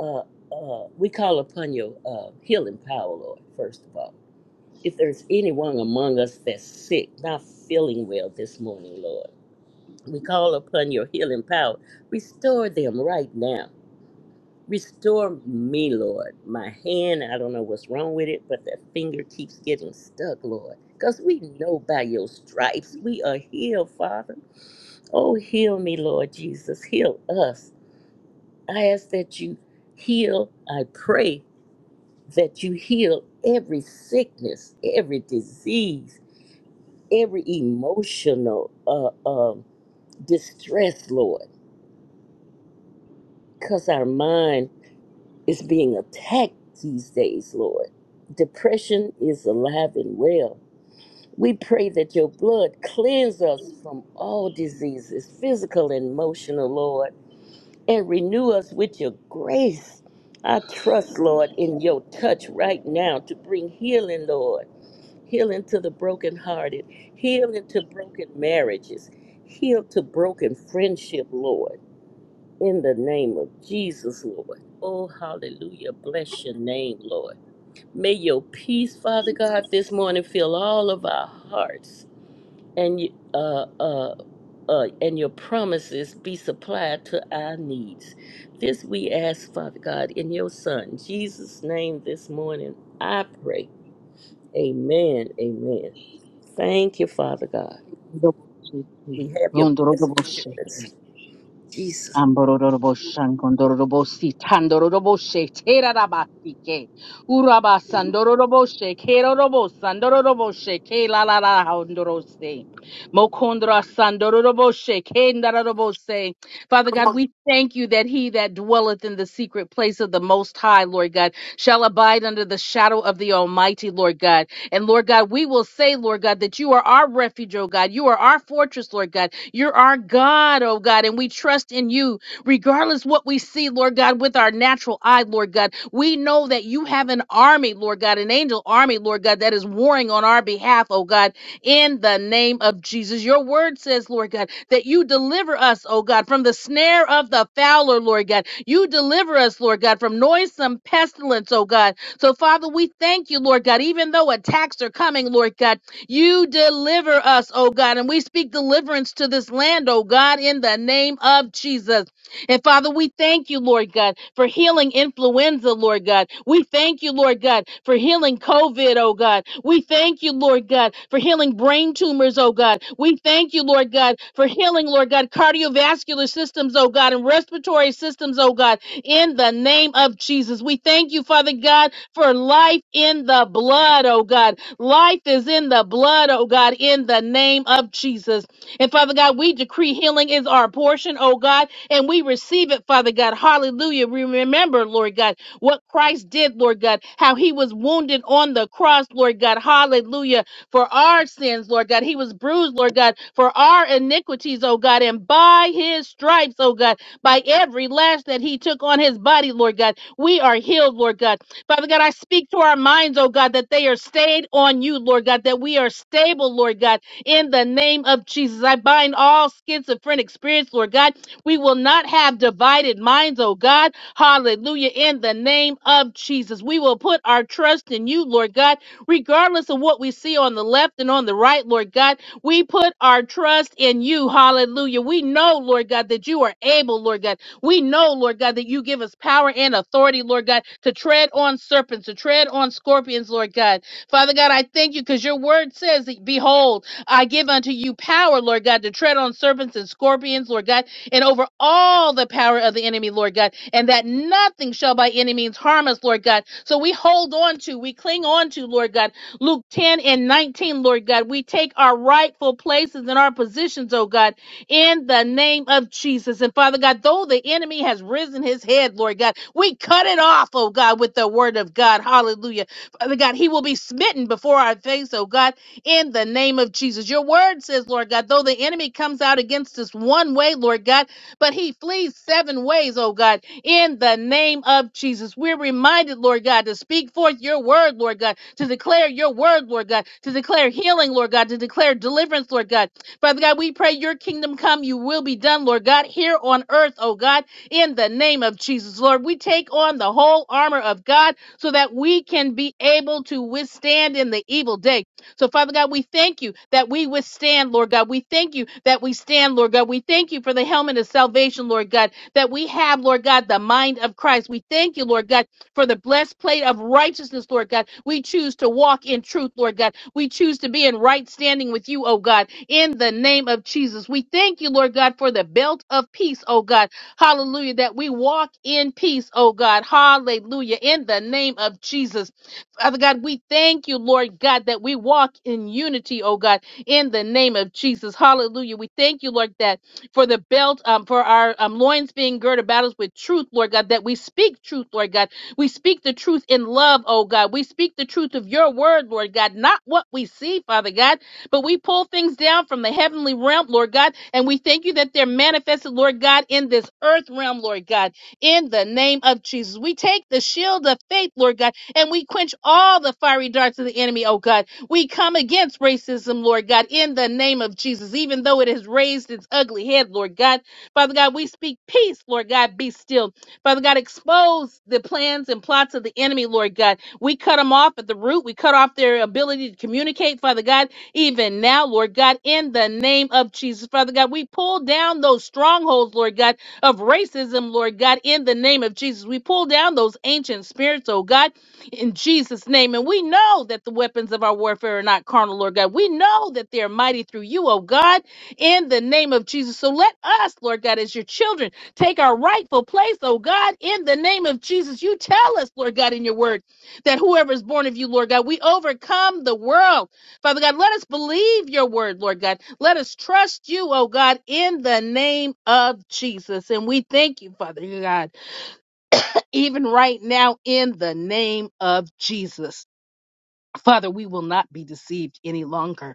Speaker 8: uh, uh, we call upon your uh, healing power, Lord, first of all. If there's anyone among us that's sick, not feeling well this morning, Lord, we call upon your healing power. Restore them right now. Restore me, Lord. My hand, I don't know what's wrong with it, but that finger keeps getting stuck, Lord. Because we know by your stripes we are healed, Father. Oh, heal me, Lord Jesus. Heal us. I ask that you heal. I pray that you heal every sickness, every disease, every emotional uh, um distress, Lord. Because our mind is being attacked these days, Lord. Depression is alive and well. We pray that your blood cleanse us from all diseases, physical and emotional, Lord, and renew us with your grace. I trust, Lord, in your touch right now to bring healing, Lord. Healing to the brokenhearted, healing to broken marriages, heal to broken friendship, Lord. In the name of Jesus, Lord. Oh, hallelujah. Bless your name, Lord. May your peace, Father God, this morning fill all of our hearts and you- uh, uh, uh, and your promises be supplied to our needs. This we ask, Father God, in your Son, Jesus' name this morning. I pray. Amen. Amen. Thank you, Father God.
Speaker 9: Robo shake.
Speaker 8: We have your
Speaker 9: Rondo
Speaker 8: blessed
Speaker 9: robo shake.
Speaker 8: assurance. Jesus.
Speaker 9: Ambororobo shangondorobo si tandorobo she terarabasi ke uraba sandorobo she kerorobo sandorobo she ke la la la hondoroše, se mokondra sandorobo she ke ndarorobo Father God, we thank you that he that dwelleth in the secret place of the Most High, Lord God, shall abide under the shadow of the Almighty, Lord God. And Lord God, we will say, Lord God, that you are our refuge, O God. You are our fortress, Lord God. You're our God, oh God, and we trust in you regardless what we see, Lord God, with our natural eye, Lord God. We know that you have an army, Lord God, an angel army, Lord God, that is warring on our behalf, oh God, in the name of Jesus. Your word says, Lord God, that you deliver us, oh God, from the snare of the fowler, Lord God. You deliver us, Lord God, from noisome pestilence, oh God. So, Father, we thank you, Lord God, even though attacks are coming, Lord God. You deliver us, oh God. And we speak deliverance to this land, oh God, in the name of Jesus. And Father, we thank you, Lord God, for healing influenza, Lord God. We thank you, Lord God, for healing COVID, oh God. We thank you, Lord God, for healing brain tumors, oh God. We thank you, Lord God, for healing, Lord God, cardiovascular systems, oh God, and respiratory systems, oh God, in the name of Jesus. We thank you, Father God, for life in the blood, oh God. Life is in the blood, oh God, in the name of Jesus. And Father God, we decree healing is our portion, oh God, and we receive it, Father God. Hallelujah. We remember, Lord God, what Christ did, Lord God, how he was wounded on the cross, Lord God. Hallelujah. For our sins, Lord God. He was bruised, Lord God, for our iniquities, oh God. And by his stripes, oh God, by every lash that he took on his body, Lord God, we are healed, Lord God. Father God, I speak to our minds, oh God, that they are stayed on you, Lord God, that we are stable, Lord God, in the name of Jesus. I bind all schizophrenic spirits, Lord God. We will not have divided minds, oh God. Hallelujah. In the name of Jesus, we will put our trust in you, Lord God, regardless of what we see on the left and on the right, Lord God. We put our trust in you. Hallelujah. We know, Lord God, that you are able, Lord God. We know, Lord God, that you give us power and authority, Lord God, to tread on serpents, to tread on scorpions, Lord God. Father God, I thank you because your word says, that, Behold, I give unto you power, Lord God, to tread on serpents and scorpions, Lord God, and over all the power of the enemy, Lord God, and that nothing shall by any means harm us, Lord God. So we hold on to, we cling on to, Lord God, Luke 10 and 19, Lord God. We take our rightful places and our positions, oh God, in the name of Jesus. And Father God, though the enemy has risen his head, Lord God, we cut it off, oh God, with the word of God. Hallelujah. Father God, he will be smitten before our face, oh God, in the name of Jesus. Your word says, Lord God, though the enemy comes out against us one way, Lord God, but he flees seven ways, oh God, in the name of Jesus. We're reminded, Lord God, to speak forth your word, Lord God, to declare your word, Lord God, to declare healing, Lord God, to declare deliverance, Lord God Father God, we pray your kingdom come, you will be done, Lord God, here on earth, oh God, in the name of Jesus. Lord, we take on the whole armor of God so that we can be able to withstand in the evil day. So, Father God, we thank you that we withstand, Lord God. We thank you that we stand, Lord God. We thank you for the helmet of salvation, Lord God, that we have, Lord God, the mind of Christ. We thank you, Lord God, for the blessed plate of righteousness, Lord God. We choose to walk in truth, Lord God. We choose to be in right standing with you, oh God in the name of Jesus. We thank you, Lord God, for the belt of peace, oh God. Hallelujah, that we walk in peace, oh God. Hallelujah, in the name of Jesus. Father God, we thank you, Lord God, that we walk in unity, oh God, in the name of Jesus. Hallelujah. We thank you, Lord, that for the belt, um, for our um, loins being girded about us with truth, Lord God, that we speak truth, Lord God. We speak the truth in love, oh God. We speak the truth of your word, Lord God, not what we see, Father God but we pull things down from the heavenly realm, Lord God, and we thank you that they're manifested, Lord God, in this earth realm, Lord God, in the name of Jesus. We take the shield of faith, Lord God, and we quench all the fiery darts of the enemy, oh God. We come against racism, Lord God, in the name of Jesus, even though it has raised its ugly head, Lord God. Father God, we speak peace, Lord God, be still. Father God, expose the plans and plots of the enemy, Lord God. We cut them off at the root. We cut off their ability to communicate, Father God even now, Lord God, in the name of Jesus. Father God, we pull down those strongholds, Lord God, of racism, Lord God, in the name of Jesus. We pull down those ancient spirits, oh God, in Jesus' name. And we know that the weapons of our warfare are not carnal, Lord God. We know that they are mighty through you, oh God, in the name of Jesus. So let us, Lord God, as your children, take our rightful place, oh God, in the name of Jesus. You tell us, Lord God, in your word, that whoever is born of you, Lord God, we overcome the world Father God, let us believe your word, Lord God. Let us trust you, oh God, in the name of Jesus. And we thank you, Father God, even right now in the name of Jesus. Father, we will not be deceived any longer.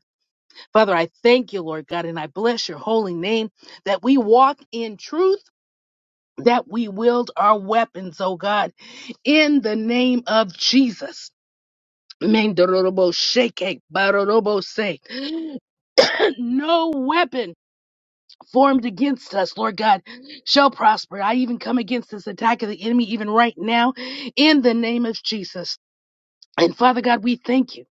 Speaker 9: Father, I thank you, Lord God, and I bless your holy name that we walk in truth, that we wield our weapons, oh God, in the name of Jesus. Mendorobo shake, barorobo say. No weapon formed against us, Lord God, shall prosper. I even come against this attack of the enemy even right now in the name of Jesus. And Father God, we thank you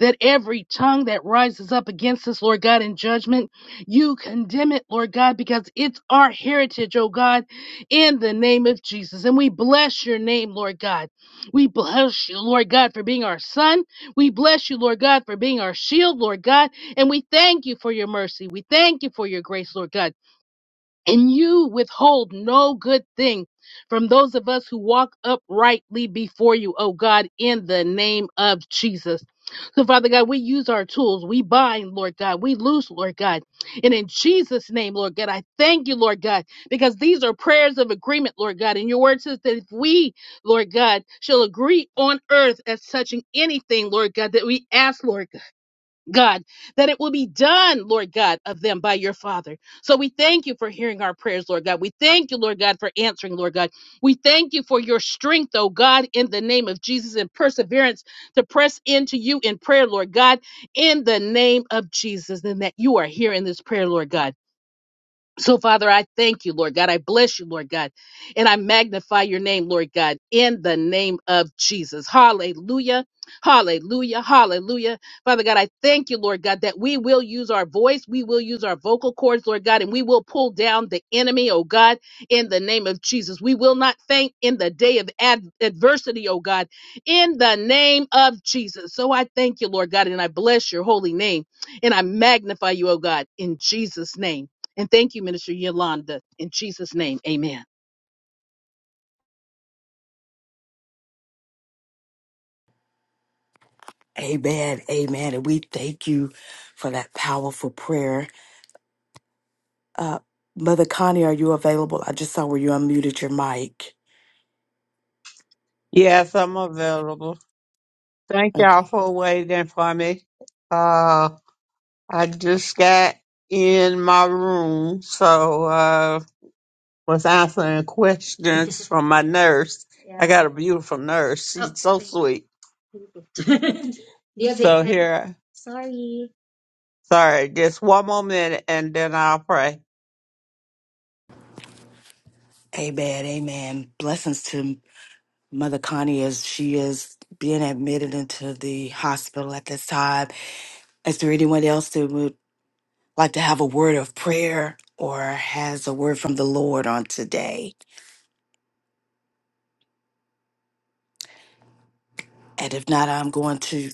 Speaker 9: that every tongue that rises up against us, Lord God, in judgment, you condemn it, Lord God, because it's our heritage, oh God, in the name of Jesus. And we bless your name, Lord God. We bless you, Lord God, for being our son. We bless you, Lord God, for being our shield, Lord God. And we thank you for your mercy. We thank you for your grace, Lord God and you withhold no good thing from those of us who walk uprightly before you, oh God, in the name of Jesus. So, Father God, we use our tools. We bind, Lord God. We loose, Lord God. And in Jesus' name, Lord God, I thank you, Lord God, because these are prayers of agreement, Lord God. And your word says that if we, Lord God, shall agree on earth as touching anything, Lord God, that we ask, Lord God. God, that it will be done, Lord God, of them by your Father. So we thank you for hearing our prayers, Lord God. We thank you, Lord God, for answering, Lord God. We thank you for your strength, oh God, in the name of Jesus and perseverance to press into you in prayer, Lord God, in the name of Jesus, and that you are hearing this prayer, Lord God. So, Father, I thank you, Lord God. I bless you, Lord God. And I magnify your name, Lord God, in the name of Jesus. Hallelujah. Hallelujah. Hallelujah. Father God, I thank you, Lord God, that we will use our voice. We will use our vocal cords, Lord God, and we will pull down the enemy, oh God, in the name of Jesus. We will not faint in the day of ad- adversity, oh God, in the name of Jesus. So I thank you, Lord God, and I bless your holy name and I magnify you, oh God, in Jesus' name. And thank you, Minister Yolanda. In Jesus' name, amen.
Speaker 1: Amen. Amen. And we thank you for that powerful prayer. Uh, Mother Connie, are you available? I just saw where you unmuted your mic.
Speaker 6: yes, I'm available. Thank
Speaker 1: Okay.
Speaker 6: y'all for waiting for me. Uh I just got in my room, so uh, was answering questions from my nurse. I got a beautiful nurse. She's Oh, so sweet. Dios te So bendiga. here, sorry, sorry, just one more minute and then I'll pray.
Speaker 1: Amen. Amen. Blessings to Mother Connie as she is being admitted into the hospital at this time. Is there anyone else that would like to have a word of prayer or has a word from the Lord on today? And if not, I'm going to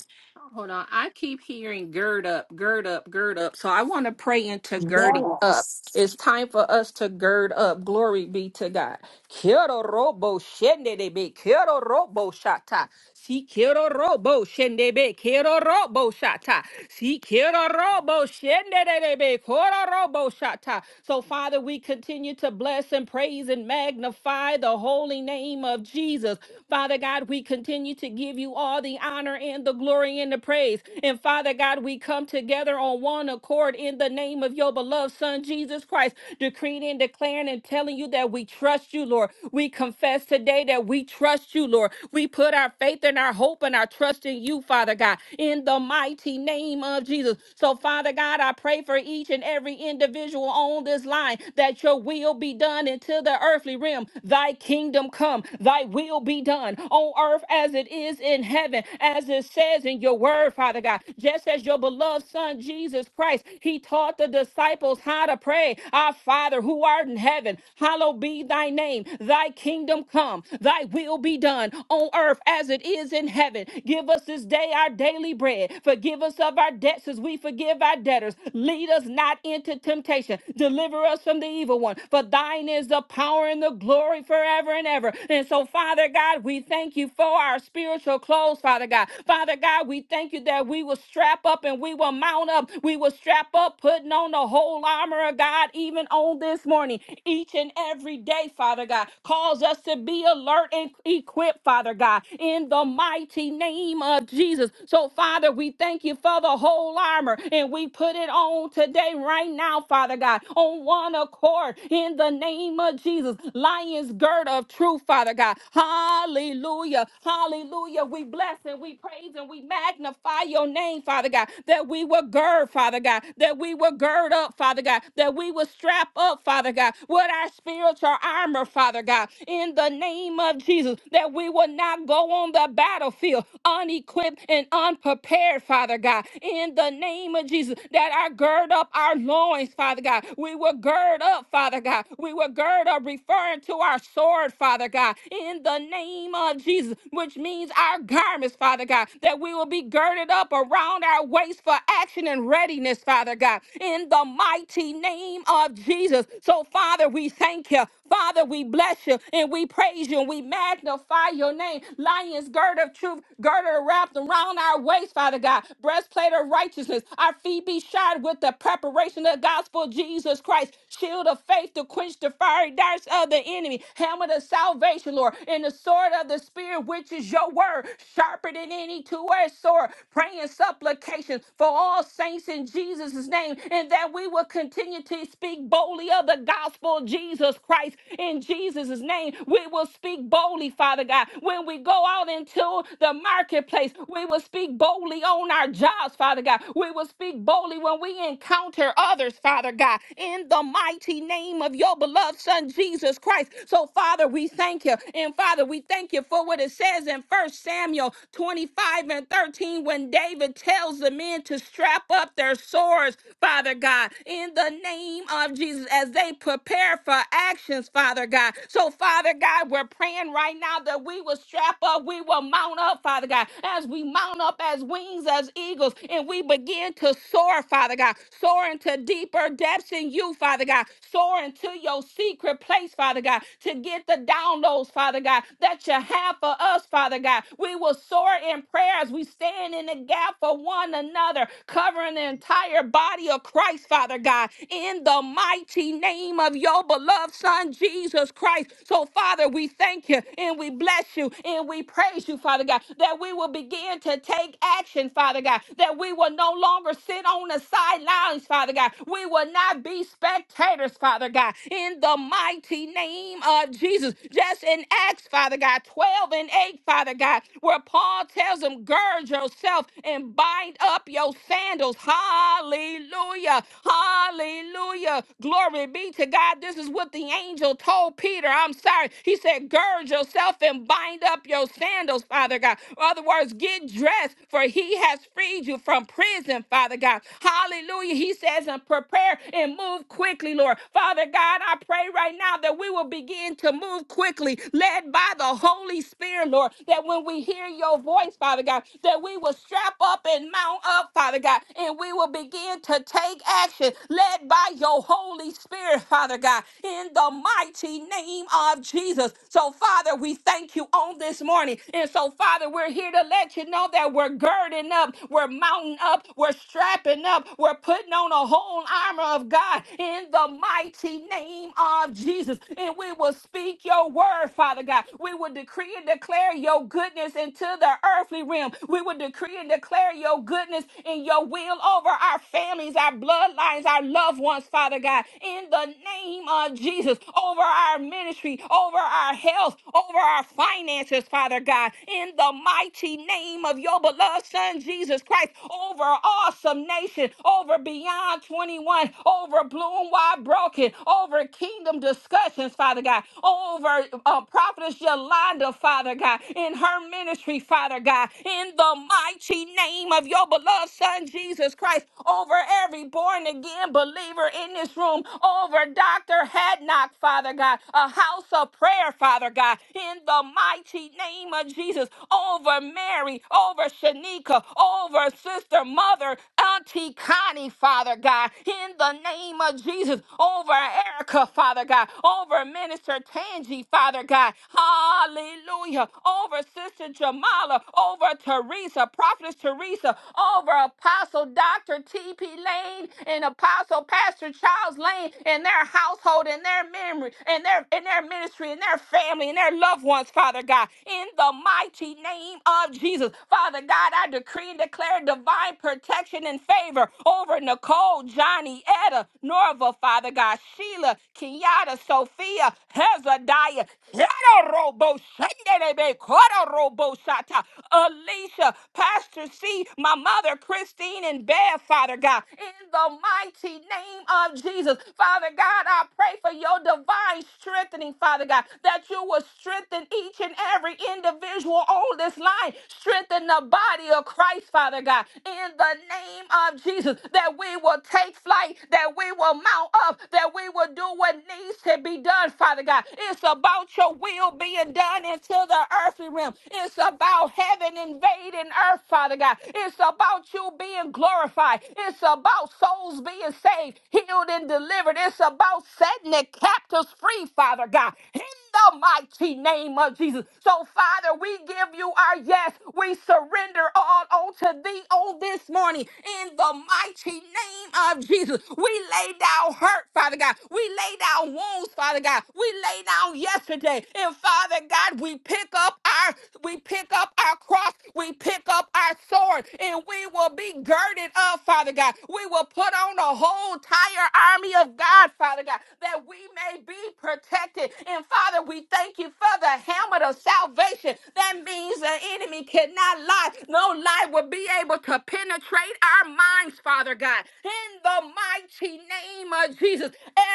Speaker 10: Hold on. I keep hearing gird up, gird up, gird up. So I want to pray into girding up. It's time for us to gird up. Glory be to God. Quiero robo shende de be. Quiero robo shata. Si quiero robo shendebe quiero robo shata. Si quiero robo shendebe quiero robo shata. So Father, we continue to bless and praise and magnify the holy name of Jesus. Father God, we continue to give you all the honor and the glory and the praise. And Father God, we come together on one accord in the name of your beloved Son, Jesus Christ, decreeing and declaring and telling you that we trust you, Lord. We confess today that we trust you, Lord. Lord. We put our faith and our hope and our trust in you, Father God, in the mighty name of Jesus. So, Father God, I pray for each and every individual on this line that your will be done into the earthly realm. Thy kingdom come, thy will be done on earth as it is in heaven, as it says in your word, Father God. Just as your beloved Son, Jesus Christ, he taught the disciples how to pray, Our Father who art in heaven, hallowed be thy name, thy kingdom come, kingdom, thy will be done on earth as it is in heaven. Give us this day our daily bread. Forgive us of our debts as we forgive our debtors. Lead us not into temptation. Deliver us from the evil one. For thine is the power and the glory forever and ever. And so, Father God, we thank you for our spiritual clothes, Father God. Father God, we thank you that we will strap up and we will mount up. We will strap up, putting on the whole armor of God, even on this morning, each and every day, Father God. Cause us to be alert and equipped, Father God, in the mighty name of Jesus. So, Father, we thank you for the whole armor and we put it on today, right now, Father God, on one accord in the name of Jesus. Lion's gird of truth, Father God. Hallelujah. Hallelujah. We bless and we praise and we magnify your name, Father God, that we will gird, Father God, that we will gird up, Father God, that we will strap up, Father God, with our spirit spiritual armor, Father God, in the name of Jesus, that we will not go on the battlefield unequipped and unprepared, Father God, in the name of Jesus, that I gird up our loins, Father God. We will gird up, Father God. We will gird up, referring to our sword, Father God, in the name of Jesus, which means our garments, Father God, that we will be girded up around our waist for action and readiness, Father God, in the mighty name of Jesus. So, Father, we thank you. Father, we bless you and we praise you and we magnify your name. Lions, gird of truth, girded wrapped around our waist, Father God. Breastplate of righteousness. Our feet be shod with the preparation of the gospel of Jesus Christ. Shield of faith to quench the fiery darts of the enemy. Hammer of salvation, Lord. And the sword of the Spirit, which is your word. Sharper than any two-edged sword. Praying supplications for all saints in Jesus' name. And that we will continue to to speak boldly of the gospel of Jesus Christ in Jesus' name. We will speak boldly, Father God. When we go out into the marketplace, we will speak boldly on our jobs, Father God. We will speak boldly when we encounter others, Father God, in the mighty name of your beloved Son, Jesus Christ. So, Father, we thank you. And, Father, we thank you for what it says in First Samuel 25 and 13 when David tells the men to strap up their swords, Father. God. God, in the name of Jesus, as they prepare for actions, Father God. So, Father God, we're praying right now that we will strap up, we will mount up, Father God, as we mount up as wings as eagles, and we begin to soar, Father God, soar into deeper depths in you, Father God, soar into your secret place, Father God, to get the downloads, Father God, that you have for us, Father God. We will soar in prayer as we stand in the gap for one another, covering the entire entire body of Christ, Father God, in the mighty name of your beloved Son, Jesus Christ. So, Father, we thank you and we bless you and we praise you, Father God, that we will begin to take action, Father God, that we will no longer sit on the sidelines, Father God. We will not be spectators, Father God, in the mighty name of Jesus. Just in Acts, Father God, 12 and 8, Father God, where Paul tells them, gird yourself and bind up your your sandals. Hallelujah. Hallelujah. Glory be to God. This is what the angel told Peter. I'm sorry. He said, Gird yourself and bind up your sandals, Father God. In other words, get dressed, for he has freed you from prison, Father God. Hallelujah. He says, And prepare and move quickly, Lord. Father God, I pray right now that we will begin to move quickly, led by the Holy Spirit, Lord, that when we hear your voice, Father God, that we will stretch wrap up and mount up, Father God, and we will begin to take action led by your Holy Spirit, Father God, in the mighty name of Jesus. So, Father, we thank you on this morning. And so, Father, we're here to let you know that we're girding up, we're mounting up, we're strapping up, we're putting on a whole armor of God in the mighty name of Jesus. And we will speak your word, Father God. We will decree and declare your goodness into the earthly heavenly realm. We will decree and declare your goodness and your will over our families, our bloodlines, our loved ones, Father God, in the name of Jesus, over our ministry, over our health, over our finances, Father God, in the mighty name of your beloved Son, Jesus Christ, over awesome nation, over beyond 21, over bloom wide broken, over kingdom discussions, Father God, over uh, prophetess Yolanda, Father God, in her ministry ministry, Father God, in the mighty name of your beloved Son, Jesus Christ, over every born again believer in this room, over Dr. Hadnock, Father God, a house of prayer, Father God, in the mighty name of Jesus, over Mary, over Shanika, over Sister Mother, Auntie Connie, Father God, in the name of Jesus, over Erica, Father God, over Minister Tangi, Father God, hallelujah, over Sister Jamala, over Teresa, Prophetess Teresa, over Apostle Dr. T.P. Lane and Apostle Pastor Charles Lane and their household and their memory and their, and their ministry and their family and their loved ones, Father God, in the mighty name of Jesus. Father God, I decree and declare divine protection protection and favor over Nicole, Johnny, Etta, Norva, Father God, Sheila, Kenyatta, Sophia, Hezadiah, Yada Robo, Shenderebe, Kora Robo Shata, Alicia, Pastor C, my mother, Christine, and Bev, Father God, in the mighty name of Jesus. Father God, I pray for your divine strengthening, Father God, that you will strengthen each and every individual on this line, strengthen the body of Christ, Father God, in the name name of Jesus that we will take flight, that we will mount up, that we will do what needs to be done, Father God. It's about your will being done into the earthly realm. It's about heaven invading earth, Father God. It's about you being glorified. It's about souls being saved, healed, and delivered. It's about setting the captives free, Father God. In the mighty name of Jesus. So, Father, we give you our yes. We surrender all unto thee on this morning in the mighty name of Jesus. We lay down hurt, Father God. We lay down wounds, Father God. We lay down yesterday. And Father God, we pick up our we pick up our cross, we pick up our sword, and we will be girded up, Father God. We will put on the whole entire army of God, Father God, that we may be protected. And Father, we thank you for the helmet of salvation. That means the enemy cannot lie. No lie will be able to penetrate Regulate our minds, Father God, in the mighty name of Jesus.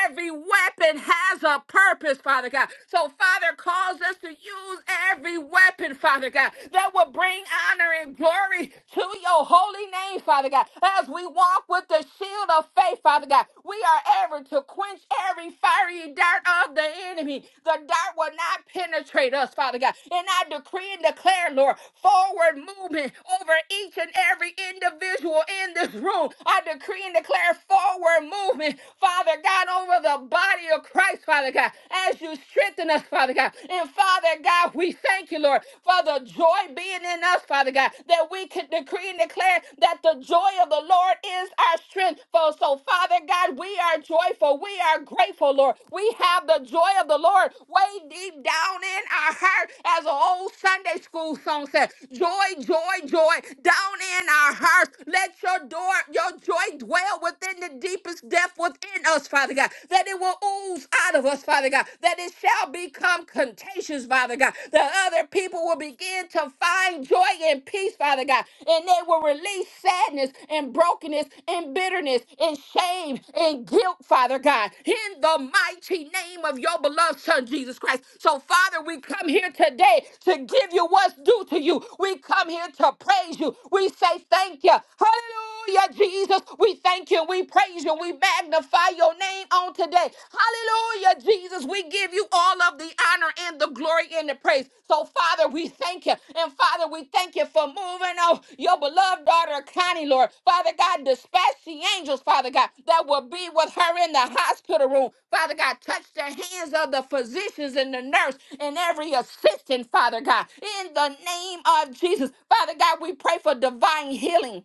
Speaker 10: Every weapon has a purpose, Father God. So, Father, calls us to use every weapon, Father God, that will bring honor and glory to your holy name, Father God. As we walk with the shield of faith, Father God, we are ever to quench every fiery dart of the enemy. The dart will not penetrate us, Father God. And I decree and declare, Lord, forward movement over each and every individual individual in this room. I decree and declare forward movement, Father God, over the body of Christ, Father God, as you strengthen us, Father God. And Father God, we thank you, Lord, for the joy being in us, Father God, that we can decree and declare that the joy of the Lord is our strength. For so, Father God, we are joyful. We are grateful, Lord. We have the joy of the Lord way deep down in our heart, as an old Sunday school song said, joy, joy, joy, down in our hearts. Let your door, your joy dwell within the deepest depth within us, Father God. That it will ooze out of us, Father God. That it shall become contagious, Father God. That other people will begin to find joy and peace, Father God. And they will release sadness and brokenness and bitterness and shame and guilt, Father God. In the mighty name of your beloved Son, Jesus Christ. So, Father, we come here today to give you what's due to you. We come here to praise you. We say thank you. Hallelujah, Jesus. We thank you. We praise you. We magnify your name on today. Hallelujah, Jesus. We give you all of the honor and the glory and the praise. So, Father, we thank you. And, Father, we thank you for moving on your beloved daughter, Connie, Lord. Father God, dispatch the angels, Father God, that will be with her in the hospital room. Father God, touch the hands of the physicians and the nurse and every assistant, Father God. In the name of Jesus, Father God, we pray for divine healing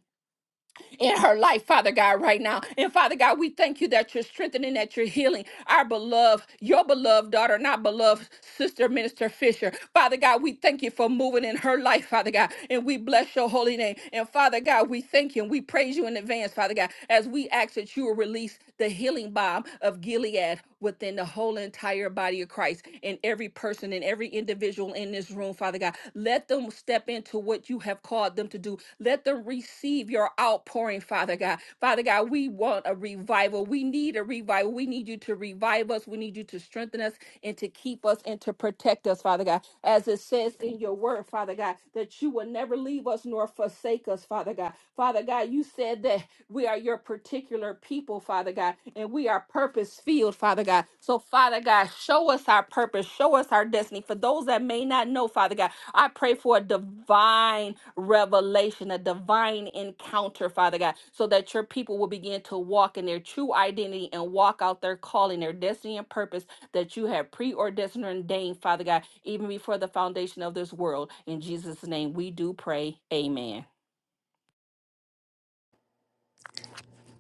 Speaker 10: in her life, Father God, right now. And Father God, we thank you that you're strengthening, that you're healing our beloved, your beloved daughter, and our beloved sister, Minister Fisher. Father God, we thank you for moving in her life, Father God, and we bless your holy name. And Father God, we thank you and we praise you in advance, Father God, as we ask that you will release the healing bomb of Gilead within the whole entire body of Christ and every person and every individual in this room, Father God. Let them step into what you have called them to do. Let them receive your outpouring, Father God. Father God, we want a revival. We need a revival. We need you to revive us. We need you to strengthen us and to keep us and to protect us, Father God. As it says in your word, Father God, that you will never leave us nor forsake us, Father God. Father God, you said that that we are your particular people, Father God, and we are purpose filled, Father God. So, Father God, show us our purpose, show us our destiny. For those that may not know, Father God, I pray for a divine revelation, a divine encounter, Father God, so that your people will begin to walk in their true identity and walk out their calling, their destiny and purpose that you have preordained and ordained, Father God, even before the foundation of this world. In Jesus' name, we do pray. Amen.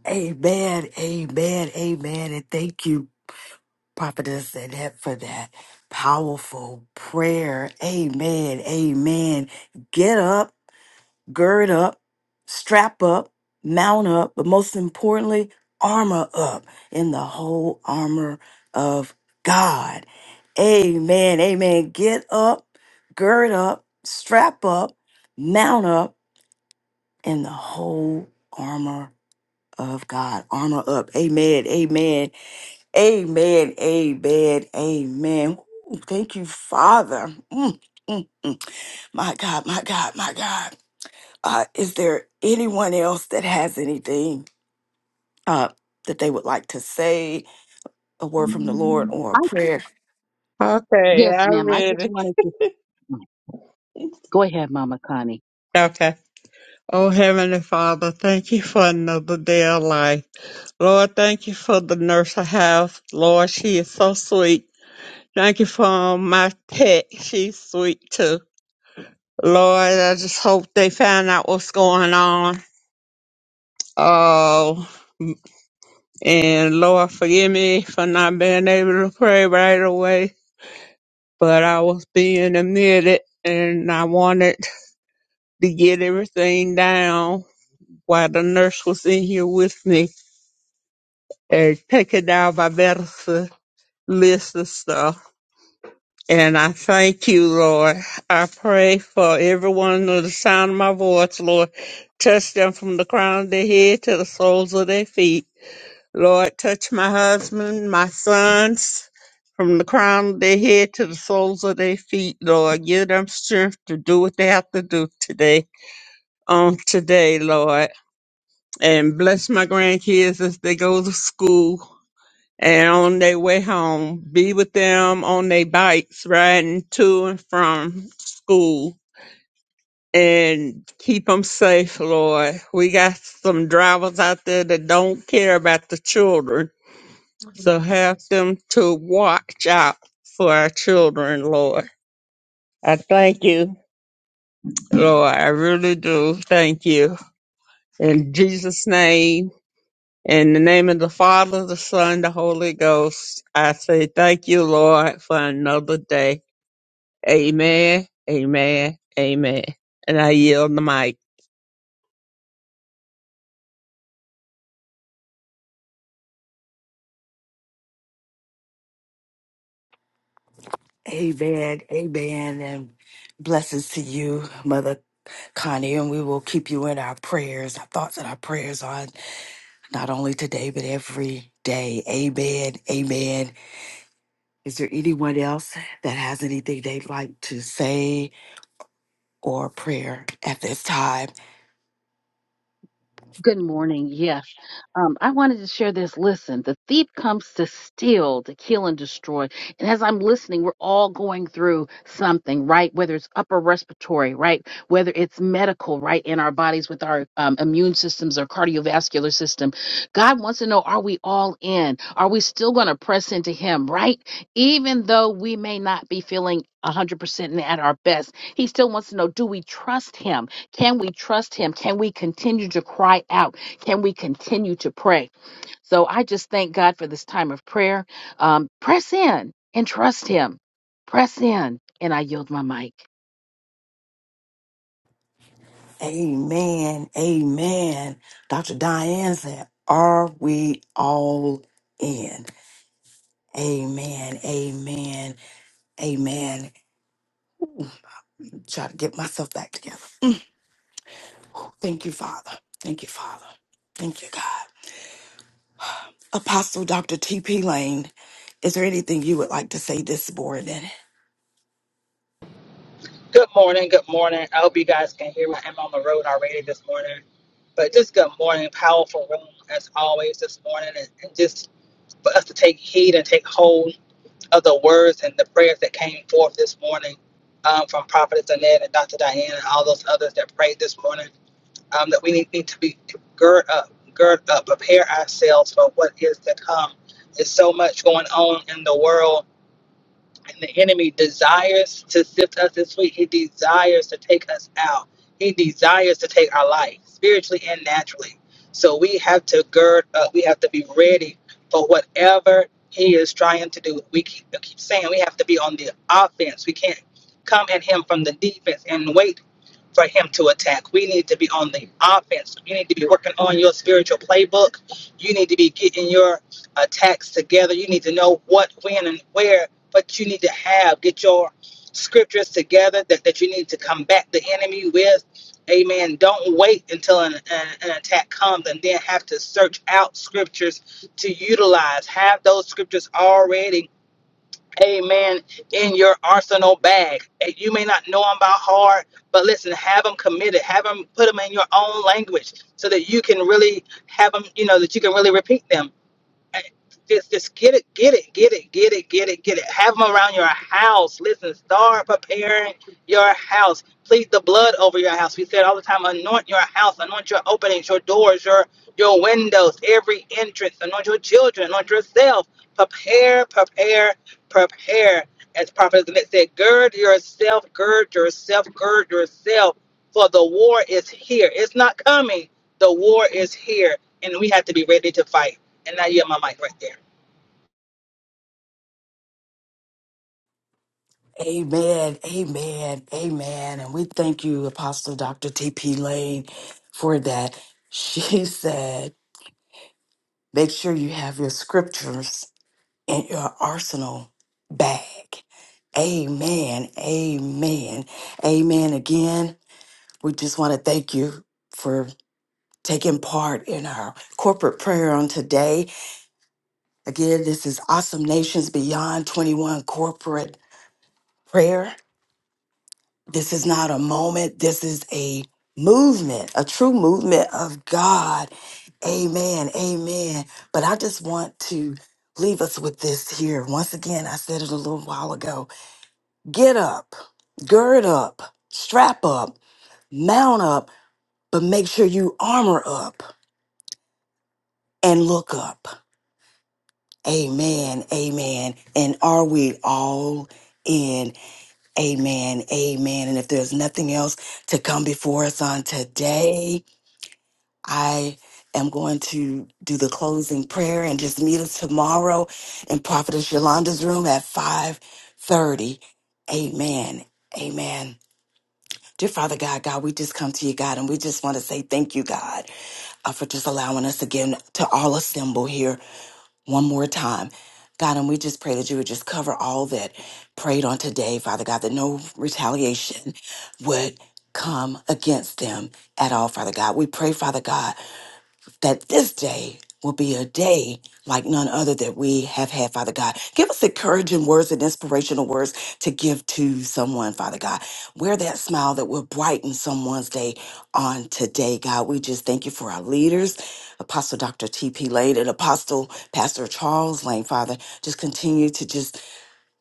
Speaker 1: Amen, Amen, Amen, and thank you, Prophetess Annette, for that powerful prayer. Amen, Amen. Get up. gird up, strap up, mount up, but most importantly, armor up in the whole armor of God. Amen. Amen. Get up, gird up, strap up, mount up in the whole armor of God. Armor up. Amen. Amen. Amen. Amen. Amen. Ooh, thank you, Father. Mm, mm, mm. My God, my God, my God. Uh, is there anyone else that has anything uh, that they would like to say, a word from the Lord or a
Speaker 9: I,
Speaker 1: prayer?
Speaker 6: Okay,
Speaker 9: yes,
Speaker 6: I
Speaker 9: ma'am. I
Speaker 6: read
Speaker 9: just wanted to
Speaker 6: it.
Speaker 9: go ahead, Mama Connie.
Speaker 6: Okay. Oh, Heavenly Father, thank you for another day of life. Lord, thank you for the nurse I have. Lord, she is so sweet. Thank you for my pet. She's sweet too. Lord, I just hope they find out what's going on. Oh, and Lord, forgive me for not being able to pray right away, but I was being admitted and I wanted to get everything down while the nurse was in here with me and taking down my medicine list and stuff. And I thank you, Lord. I pray for everyone under the sound of my voice, Lord. Touch them from the crown of their head to the soles of their feet. Lord, touch my husband, my sons, from the crown of their head to the soles of their feet, Lord. Give them strength to do what they have to do today, on today, Lord. And bless my grandkids as they go to school and on their way home, be with them on their bikes, riding to and from school, and keep them safe, Lord. We got some drivers out there that don't care about the children, so have them to watch out for our children, Lord. I thank you, Lord. I really do thank you. In Jesus' name, in the name of the Father, the Son, the Holy Ghost, I say thank you, Lord, for another day. Amen. Amen. Amen. And I yield the mic.
Speaker 1: Amen. Amen. And blessings to you, Mother Connie. And we will keep you in our prayers, our thoughts, and our prayers on not only today, but every day. Amen. Amen. Is there anyone else that has anything they'd like to say or prayer at this time?
Speaker 9: Good morning. Yes. Um, I wanted to share this. Listen, the thief comes to steal, to kill, and destroy. And as I'm listening, we're all going through something, right? Whether it's upper respiratory, right? Whether it's medical, right? In our bodies with our um, immune systems or cardiovascular system. God wants to know are we all in? Are we still going to press into Him, right? Even though we may not be feeling 100% and at our best, He still wants to know do we trust Him? Can we trust him? Can we continue to cry out? Can we continue to pray? So I just thank God for this time of prayer. Um, press in and trust him. Press in, and I yield my mic.
Speaker 1: Amen. Amen. Dr. Diane said, Are we all in? Amen. Amen. Amen. Try to get myself back together. Thank you, Father. Thank you, Father. Thank you, God. Apostle Dr. T.P. Lane, is there anything you would like to say this morning?
Speaker 11: Good morning. Good morning. I hope you guys can hear me. I'm on the road already this morning. But just good morning. Powerful room as always this morning. And, and just for us to take heed and take hold of the words and the prayers that came forth this morning um, from Prophetess Annette and Dr. Diane and all those others that prayed this morning. Um, that we need, need to be gird up, gird up, prepare ourselves for what is to come. There's so much going on in the world and the enemy desires to sift us this week. He desires to take us out. He desires to take our life, spiritually and naturally. So we have to gird up. We have to be ready for whatever he is trying to do. We keep, I keep saying we have to be on the offense. We can't come at him from the defense and wait for him to attack. We need to be on the offense. You need to be working on your spiritual playbook. You need to be getting your attacks together. You need to know what, when, and where but you need to have, get your scriptures together that, that you need to combat the enemy with. Amen. Don't wait until an, an, an attack comes and then have to search out scriptures to utilize. Have those scriptures already, amen, in your arsenal bag. And You may not know them by heart, but listen, have them committed. Have them put them in your own language so that you can really have them, you know, that you can really repeat them I- just just get it, get it, get it, get it, get it, get it. Have them around your house. Listen, start preparing your house. Plead the blood over your house. We said all the time, anoint your house, anoint your openings, your doors, your your windows, every entrance, anoint your children, anoint yourself. Prepare, prepare, prepare. As Prophet Zanette said, gird yourself, gird yourself, gird yourself, for the war is here. It's not coming. The war is here, and we have to be ready to fight. And I hear my mic right there.
Speaker 1: Amen. Amen. Amen. And we thank you, Apostle Dr. T.P. Lane, for that. She said, Make sure you have your scriptures in your arsenal bag. Amen. Amen. Amen. Again, we just want to thank you for taking part in our corporate prayer on today. Again, this is Awesome Nations Beyond 21 corporate prayer. This is not a moment, this is a movement, a true movement of God. Amen. Amen. But I just want to leave us with this here. Once again, I said it a little while ago Get up, gird up, strap up, mount up, but make sure you armor up and look up. Amen, amen. And are we all in? Amen, amen. And if there's nothing else to come before us on today, I am going to do the closing prayer and just meet us tomorrow in Prophetess Yolanda's room at 5:30. Amen. Amen. Dear Father God, God, we just come to you, God, and we just want to say thank you, God, uh, for just allowing us again to all assemble here one more time. God, and we just pray that you would just cover all that prayed on today, Father God, that no retaliation would come against them at all, Father God. We pray, Father God, that this day will be a day like none other that we have had, Father God. Give us encouraging words and inspirational words to give to someone, Father God. Wear that smile that will brighten someone's day on today, God. We just thank you for our leaders, Apostle Dr. T.P. Lane and Apostle Pastor Charles Lane, Father. Just continue to just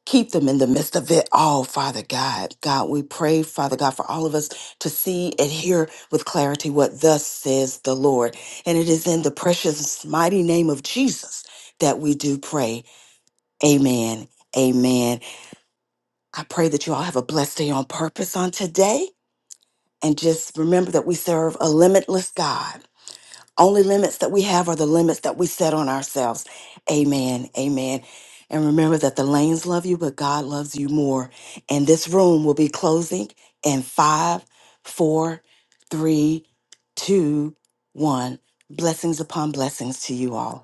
Speaker 1: Keep them in the midst of it all, Father God. God, we pray, Father God, for all of us to see and hear with clarity what thus says the Lord. And it is in the precious, mighty name of Jesus that we do pray. Amen. Amen. I pray that you all have a blessed day on purpose on today. And just remember that we serve a limitless God. Only limits that we have are the limits that we set on ourselves. Amen. Amen. And remember that the lanes love you, but God loves you more. And this room will be closing in five, four, three, two, one. Blessings upon blessings to you all.